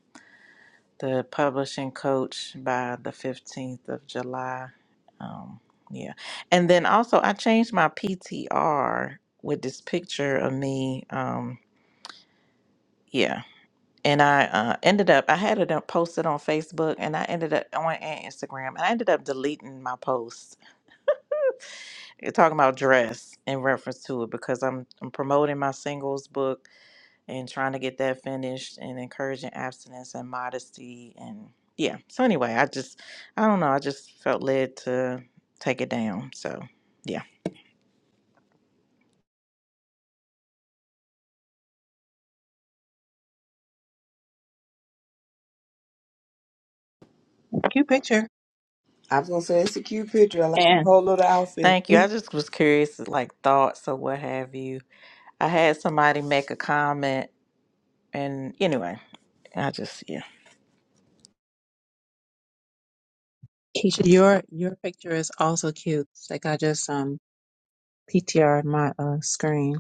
Speaker 11: the publishing coach by the 15th of July. Um, yeah. And then also, I changed my PTR with this picture of me. Um, yeah. And I uh, ended up, I had it up- posted on Facebook and I ended up on and Instagram and I ended up deleting my post It's talking about dress in reference to it because I'm, I'm promoting my singles book and trying to get that finished and encouraging abstinence and modesty and yeah so anyway i just i don't know i just felt led to take it down so yeah
Speaker 1: Cute picture.
Speaker 6: I was gonna say it's a cute picture. I like the
Speaker 1: And
Speaker 6: whole little outfit.
Speaker 11: thank you i just was curious like thoughts or what have you i had somebody make a comment and anyway i just yeah
Speaker 1: Keisha, your your picture is also cute. It's Like I just um PTR'd my uh screen.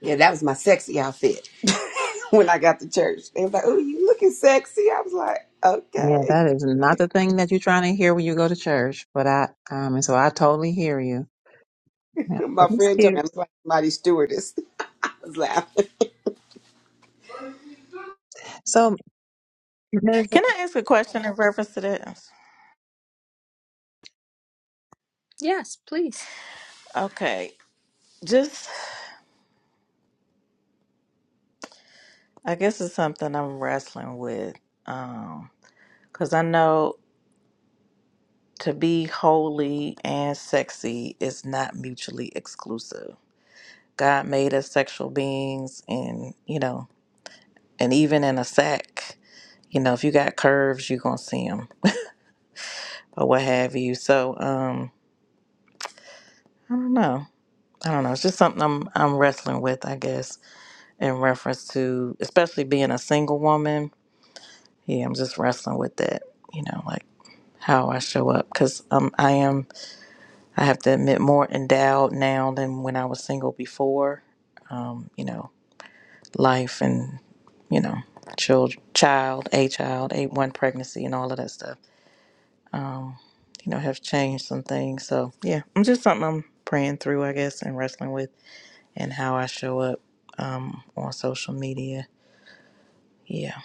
Speaker 6: Yeah, that was my sexy outfit <laughs> when I got to church. They was like, "Oh, you looking sexy?" I was like,
Speaker 1: Yeah,
Speaker 6: "Okay."
Speaker 1: that is not the thing that you're trying to hear when you go to church. But I, um, and so I totally hear you. Yeah,
Speaker 6: <laughs> My
Speaker 1: but it's
Speaker 6: friend told me
Speaker 1: cute.
Speaker 6: I was like mighty stewardess. <laughs> I was laughing.
Speaker 1: So, Minister-
Speaker 11: can i ask a question in reference to that
Speaker 4: Yes, please.
Speaker 11: okay just i guess it's something i'm wrestling with um because i know To be holy and sexy is not mutually exclusive. God made us sexual beings, and you know, and even in a sack, you know, if you got curves, you're gonna see them or what have you. So, um, I don't know. I don't know. It's just something I'm I'm wrestling with, I guess, in reference to especially being a single woman. Yeah, I'm just wrestling with that. You know, like how I show up because um I am I have to admit more endowed now than when I was single before you know, life and, you know, child, child, a child, a one pregnancy and all of that stuff, you know, have changed some things. So yeah, I'm just something I'm praying through, I guess, and wrestling with and how I show up um, on social media. Yeah.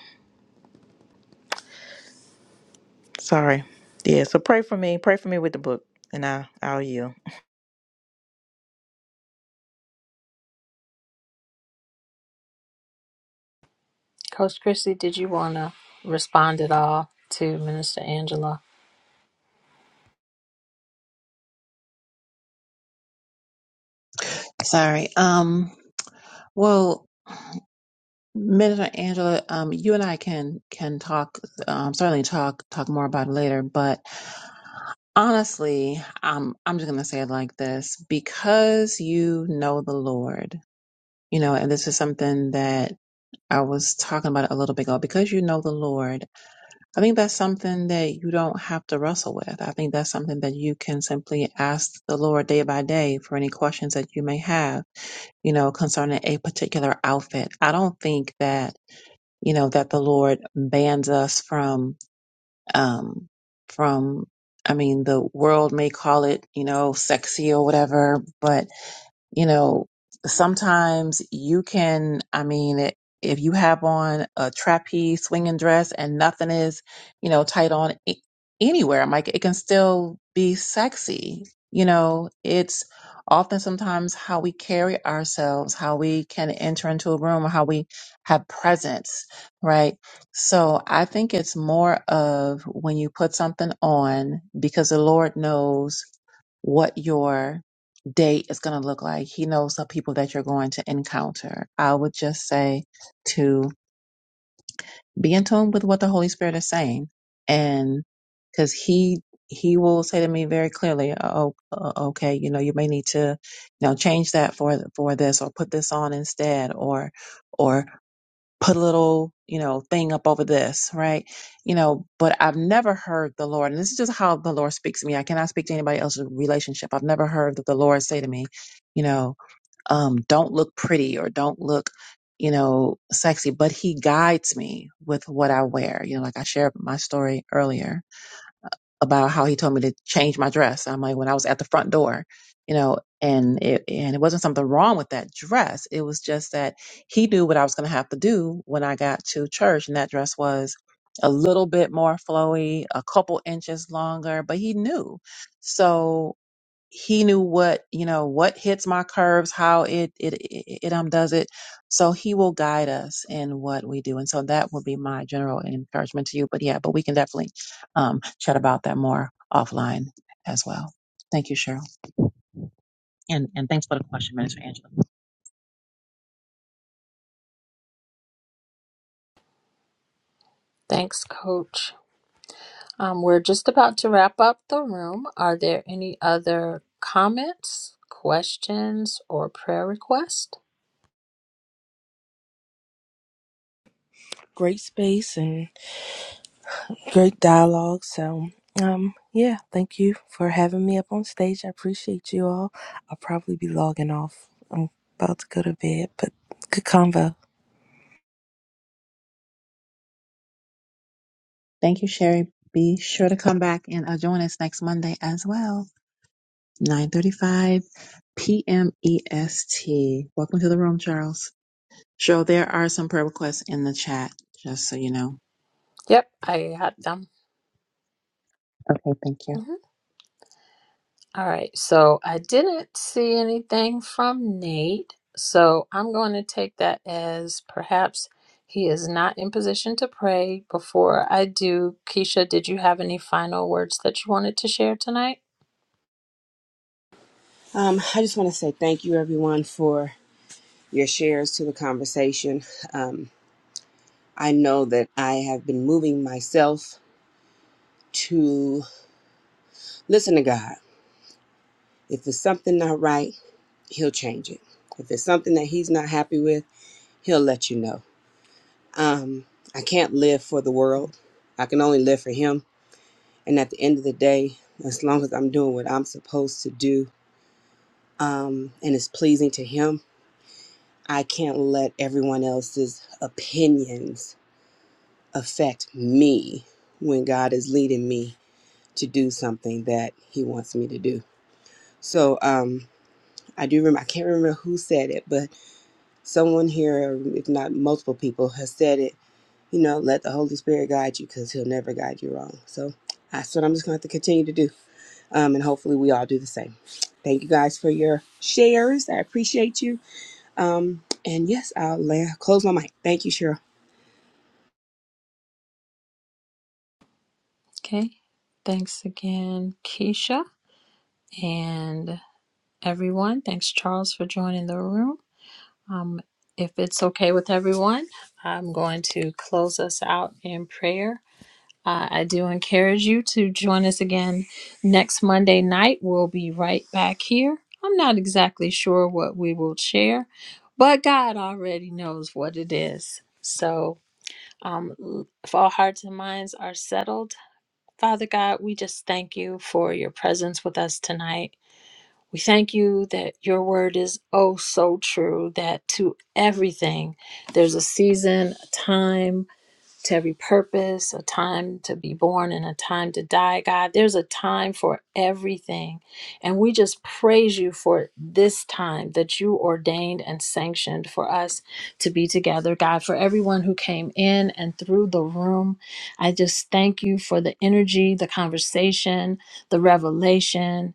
Speaker 11: Sorry. Yeah. So pray for me. Pray for me with the book and I, I'll yield.
Speaker 4: Coach Christy, did you want to respond at all to Minister Angela?
Speaker 1: sorry. Um, well, Minister Angela, um, you and I can can talk, um, certainly talk talk more about it later. But honestly, um, I'm just gonna say it like this: because you know the Lord, you know, and this is something that I was talking about a little bit ago. Because you know the Lord I think that's something that you don't have to wrestle with. I think that's something that you can simply ask the Lord day by day for any questions that you may have, you know, concerning a particular outfit. I don't think that, you know, that the Lord bans us from um, from, I mean, the world may call it, you know, sexy or whatever, but, you know, sometimes you can, I mean, it, if you have on a trapeze swinging dress and nothing is, you know, tight on a- anywhere, I'm like, it can still be sexy. You know, it's often sometimes how we carry ourselves, how we can enter into a room, how we have presence, right? So I think it's more of when you put something on, because the Lord knows what your date is going to look like. He knows the people that you're going to encounter. I would just say to be in tune with what the Holy Spirit is saying, and because He He will say to me very clearly, "Oh, uh, okay, you know, you may need to, you know, change that for for this, or put this on instead, or." or put a little, you know, thing up over this, right? You know, but I've never heard the Lord, and this is just how the Lord speaks to me. I cannot speak to anybody else's relationship. I've never heard that the Lord say to me, you know, um, don't look pretty or don't look, you know, sexy, but he guides me with what I wear. You know, like I shared my story earlier about how he told me to change my dress. I'm like when I was at the front door, you know, and it and it wasn't something wrong with that dress. It was just that he knew what I was going to have to do when I got to church, and that dress was a little bit more flowy, a couple inches longer, but he knew. So he knew what you know what hits my curves how it it it, it um does it so he will guide us in what we do and so that will be my general encouragement to you but yeah but we can definitely um chat about that more offline as well thank you cheryl and and thanks for the question minister angela
Speaker 4: Thanks, Coach. Um, we're just about to wrap up the room. Are there any other comments, questions, or prayer requests?
Speaker 7: Great space and great dialogue. So, um, yeah, thank you for having me up on stage. I appreciate you all. I'll probably be logging off. I'm about to go to bed, but good convo.
Speaker 1: Thank you, Sherry. Be sure to come back and uh, join us next Monday as well, 9.35 p.m. EST. Welcome to the room, Charles. Cheryl, there are some prayer requests in the chat, just so you know.
Speaker 4: Yep, I had them.
Speaker 1: Okay, thank you.
Speaker 4: Mhm. All right, so I didn't see anything from Nate, so I'm going to take that as perhaps he is not in position to pray. Before I do, Keisha, did you have any final words that you wanted to share tonight?
Speaker 6: Um, I just want to say thank you, everyone, for your shares to the conversation. Um, I know that I have been moving myself to listen to God. If it's something not right, He'll change it. If it's something that He's not happy with, He'll let you know. Um, I can't live for the world. I can only live for Him And at the end of the day, as long as I'm doing what I'm supposed to do um, and it's pleasing to Him, I can't let everyone else's opinions affect me when God is leading me to do something that He wants me to do. So um, I do remember, I can't remember who said it, but someone here, if not multiple people, has said it you know, let the Holy Spirit guide you because He'll never guide you wrong. So that's what I'm just going to have to continue to do. Um, and hopefully we all do the same. Thank you guys for your shares. I appreciate you. Um, and yes, I'll la- close my mic. Thank you, Cheryl.
Speaker 4: Okay, thanks again, Keisha. And everyone. Thanks, Charles, for joining the room. Um, if it's okay with everyone, I'm going to close us out in prayer. Uh, I do encourage you to join us again next Monday night. We'll be right back here. I'm not exactly sure what we will share, but God already knows what it is. So, um, if all hearts and minds are settled, Father God, we just thank you for your presence with us tonight. We thank you that your word is oh so true, that to everything there's a season, a time to every purpose, a time to be born and a time to die, God. There's a time for everything. And we just praise you for this time that you ordained and sanctioned for us to be together, God. For everyone who came in and through the room, I just thank you for the energy, the conversation, the revelation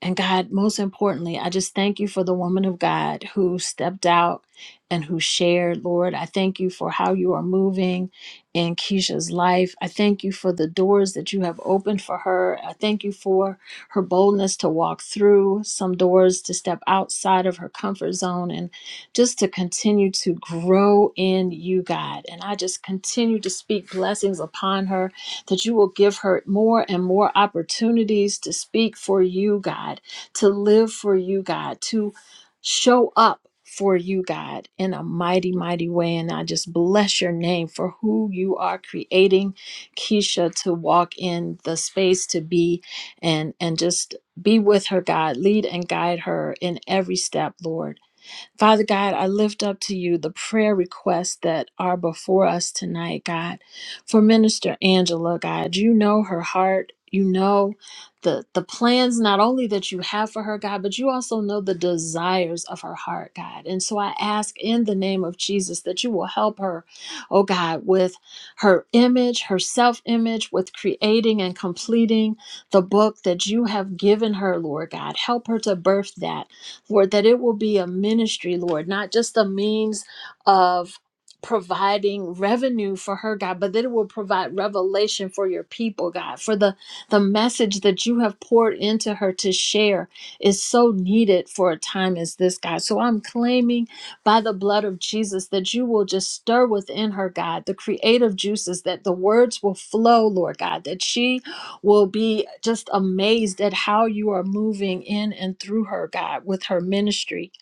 Speaker 4: and God, most importantly, I just thank you for the woman of God who stepped out and who shared. Lord, I thank you for how you are moving in Keisha's life. I thank you for the doors that you have opened for her. I thank you for her boldness to walk through some doors, to step outside of her comfort zone, and just to continue to grow in you, God. And I just continue to speak blessings upon her that you will give her more and more opportunities to speak for you, God, to live for you, God, to show up for you, God, in a mighty, mighty way. And I just bless your name for who you are creating Keisha to walk in the space to be and and just be with her, God. Lead and guide her in every step, Lord. Father God, I lift up to you the prayer requests that are before us tonight, God. For Minister Angela, God, you know her heart. You know the the plans not only that you have for her, God, but you also know the desires of her heart, God. And so I ask in the name of Jesus that you will help her, oh God, with her image, her self-image, with creating and completing the book that you have given her, Lord God. Help her to birth that. Lord, that it will be a ministry, Lord, not just a means of providing revenue for her god but that it will provide revelation for your people god for the the message that you have poured into her to share is so needed for a time as this god so i'm claiming by the blood of jesus that you will just stir within her god the creative juices that the words will flow lord god that she will be just amazed at how you are moving in and through her, God, with her ministry.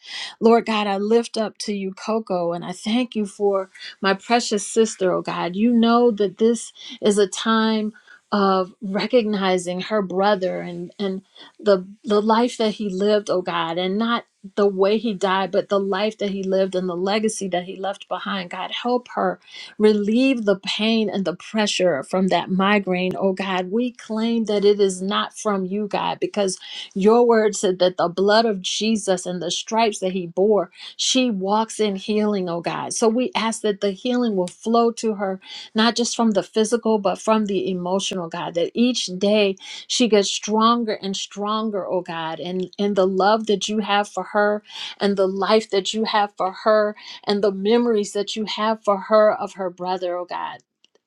Speaker 4: Lord God, I lift up to you Coco and I thank you for my precious sister, oh God. You know that this is a time of recognizing her brother and and the the life that he lived, oh God, and not the way he died, but the life that he lived and the legacy that he left behind. God, help her Relieve the pain and the pressure from that migraine, oh God. We claim that it is not from you, God, because your word said that the blood of Jesus and the stripes that he bore, she walks in healing, oh God. So we ask that the healing will flow to her, not just from the physical, but from the emotional, God, that each day she gets stronger and stronger, oh God, and, and the love that you have for her and the life that you have for her and the memories that you have for her of her brother, oh God.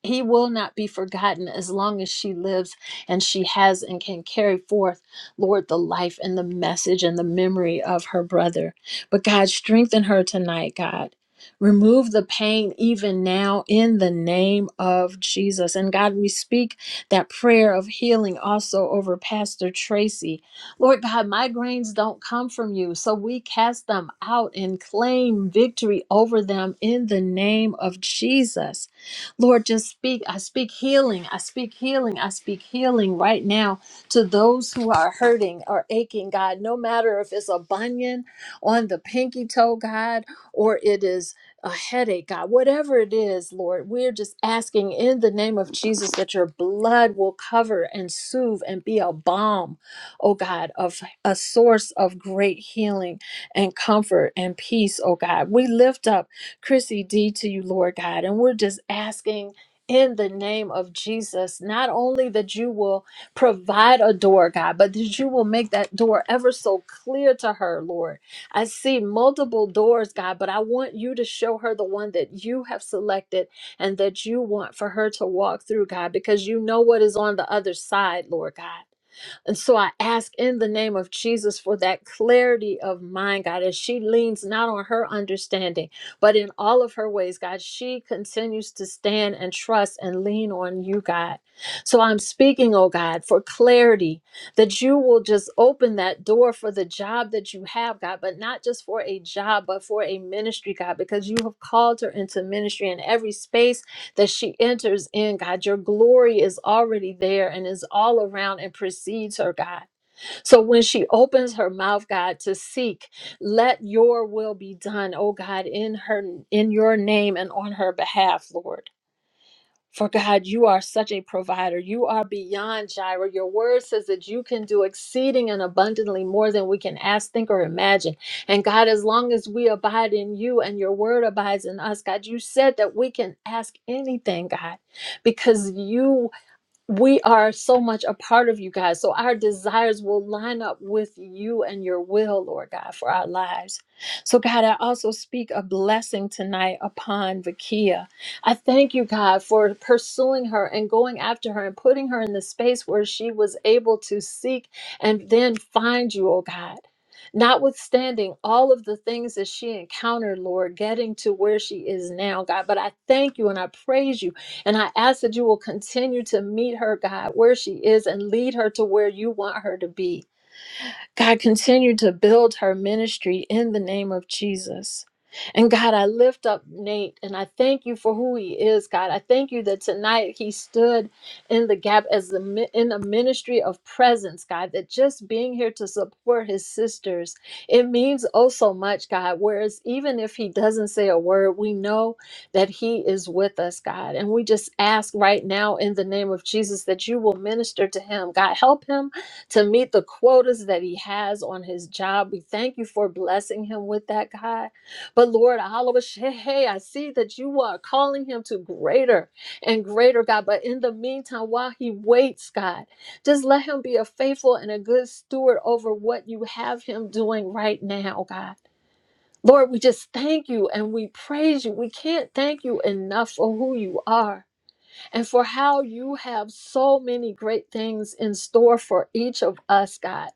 Speaker 4: He will not be forgotten as long as she lives and she has and can carry forth, Lord, the life and the message and the memory of her brother. But God, strengthen her tonight, God. Remove the pain even now in the name of Jesus. And God, we speak that prayer of healing also over Pastor Tracy Lord God, migraines don't come from you. So we cast them out and claim victory over them in the name of Jesus. Lord, just speak. I speak healing. I speak healing. I speak healing right now to those who are hurting or aching, God, no matter if it's a bunion on the pinky toe, God, or it is a headache, God, whatever it is, Lord, we're just asking in the name of Jesus that your blood will cover and soothe and be a balm oh God, of a source of great healing and comfort and peace, oh God. We lift up Chrissy D to you, Lord God, and we're just asking. In the name of Jesus, not only that you will provide a door, God, but that you will make that door ever so clear to her, Lord. I see multiple doors, God, but I want you to show her the one that you have selected and that you want for her to walk through, God, because you know what is on the other side, Lord God. And so I ask in the name of Jesus for that clarity of mind, God, as she leans not on her understanding, but in all of her ways, God, she continues to stand and trust and lean on you, God. So I'm speaking, oh God, for clarity that you will just open that door for the job that you have, God, but not just for a job, but for a ministry, God, because you have called her into ministry in every space that she enters in, God. Your glory is already there and is all around and precedes her, God. So when she opens her mouth, God, to seek, let your will be done, oh God, in her in your name and on her behalf, Lord. For God, you are such a provider. You are beyond Jireh. Your word says that you can do exceeding and abundantly more than we can ask, think, or imagine. And God, as long as we abide in you and your word abides in us, God, you said that we can ask anything, God, because you we are so much a part of you guys. So our desires will line up with you and your will, Lord God, for our lives. So, God, I also speak a blessing tonight upon Vakia. I thank you, God, for pursuing her and going after her and putting her in the space where she was able to seek and then find you, oh God. Notwithstanding all of the things that she encountered, Lord, getting to where she is now, God. But I thank you and I praise you and I ask that you will continue to meet her, God, where she is and lead her to where you want her to be. God, continue to build her ministry in the name of Jesus. And God, I lift up Nate and I thank you for who he is, God. I thank you that tonight he stood in the gap as the mi- in a ministry of presence, God, that just being here to support his sisters, it means oh so much, God. Whereas even if he doesn't say a word, we know that he is with us, God. And we just ask right now in the name of Jesus that you will minister to him. God, help him to meet the quotas that he has on his job. We thank you for blessing him with that, God. But Lord, Alabash, hey, hey, I see that you are calling him to greater and greater, God. But in the meantime, while he waits, God, just let him be a faithful and a good steward over what you have him doing right now, God. Lord, we just thank you and we praise you. We can't thank you enough for who you are and for how you have so many great things in store for each of us, God.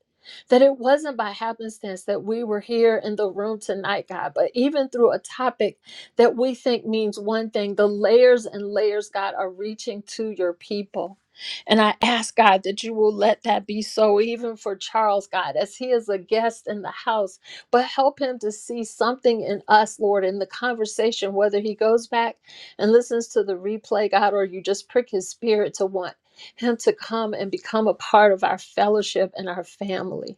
Speaker 4: That it wasn't by happenstance that we were here in the room tonight, God, but even through a topic that we think means one thing, the layers and layers, God, are reaching to your people. And I ask, God, that you will let that be so, even for Charles, God, as he is a guest in the house, but help him to see something in us, Lord, in the conversation, whether he goes back and listens to the replay, God, or you just prick his spirit to want him to come and become a part of our fellowship and our family.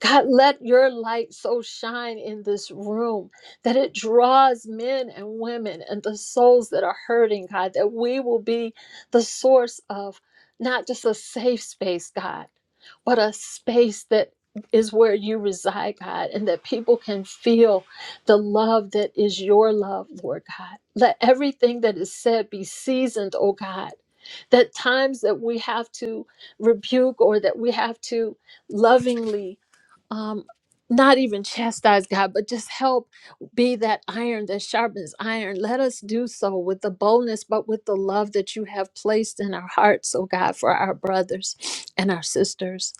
Speaker 4: God, let your light so shine in this room that it draws men and women and the souls that are hurting, God, that we will be the source of not just a safe space, God, but a space that is where you reside, God, and that people can feel the love that is your love, Lord God. Let everything that is said be seasoned, oh God. That times that we have to rebuke or that we have to lovingly um not even chastise God, but just help be that iron that sharpens iron. Let us do so with the boldness, but with the love that you have placed in our hearts, oh God, for our brothers and our sisters.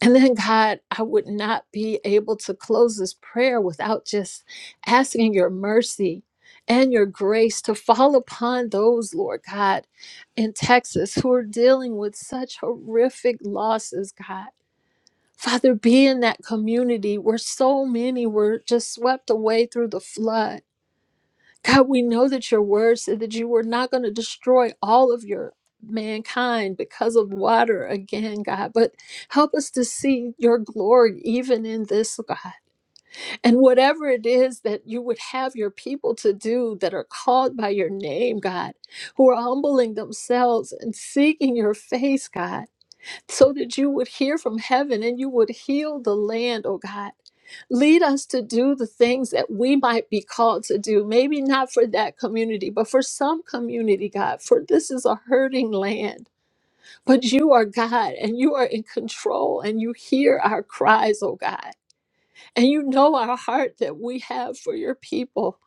Speaker 4: And then, God, I would not be able to close this prayer without just asking your mercy and your grace to fall upon those, Lord God, in Texas who are dealing with such horrific losses, God. Father, be in that community where so many were just swept away through the flood. God, we know that your word said that you were not going to destroy all of your mankind because of water again, God, but help us to see your glory even in this, God. And whatever it is that you would have your people to do that are called by your name, God, who are humbling themselves and seeking your face, God so that you would hear from heaven and you would heal the land, oh God. Lead us to do the things that we might be called to do, maybe not for that community, but for some community, God, for this is a hurting land. But you are God and you are in control and you hear our cries, oh God. And you know our heart that we have for your people.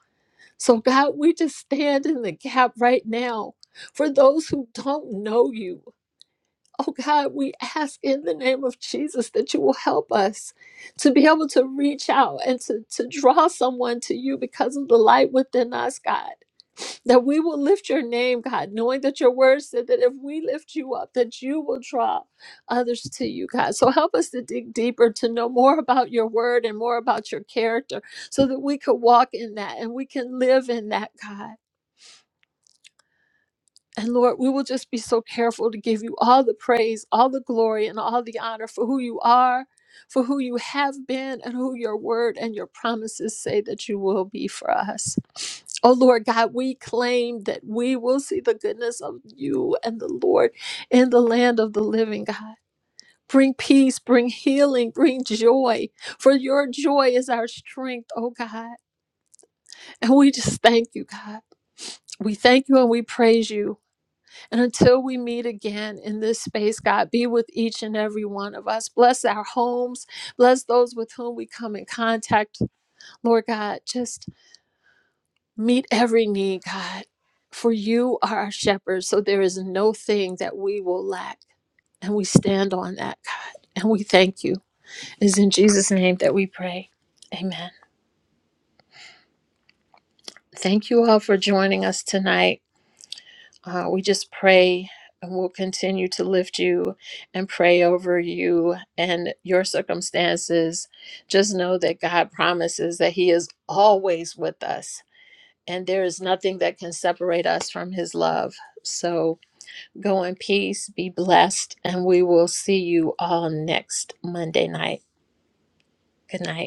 Speaker 4: So, God, we just stand in the gap right now for those who don't know you, Oh God, we ask in the name of Jesus that you will help us to be able to reach out and to, to draw someone to you because of the light within us, God. That we will lift your name, God, knowing that your word said that if we lift you up, that you will draw others to you, God. So help us to dig deeper, to know more about your word and more about your character so that we could walk in that and we can live in that, God. And Lord, we will just be so careful to give you all the praise, all the glory, and all the honor for who you are, for who you have been, and who your word and your promises say that you will be for us. Oh Lord God, we claim that we will see the goodness of you and the Lord in the land of the living God. Bring peace, bring healing, bring joy, for your joy is our strength, oh God. And we just thank you, God. We thank you and we praise you. And until we meet again in this space, God, be with each and every one of us. Bless our homes. Bless those with whom we come in contact. Lord God, just meet every need, God. For you are our shepherd, so there is no thing that we will lack. And we stand on that, God. And we thank you. It's in Jesus' name that we pray. Amen. Thank you all for joining us tonight. Uh, we just pray and we'll continue to lift you and pray over you and your circumstances. Just know that God promises that He is always with us and there is nothing that can separate us from His love. So go in peace, be blessed, and we will see you all next Monday night. Good night.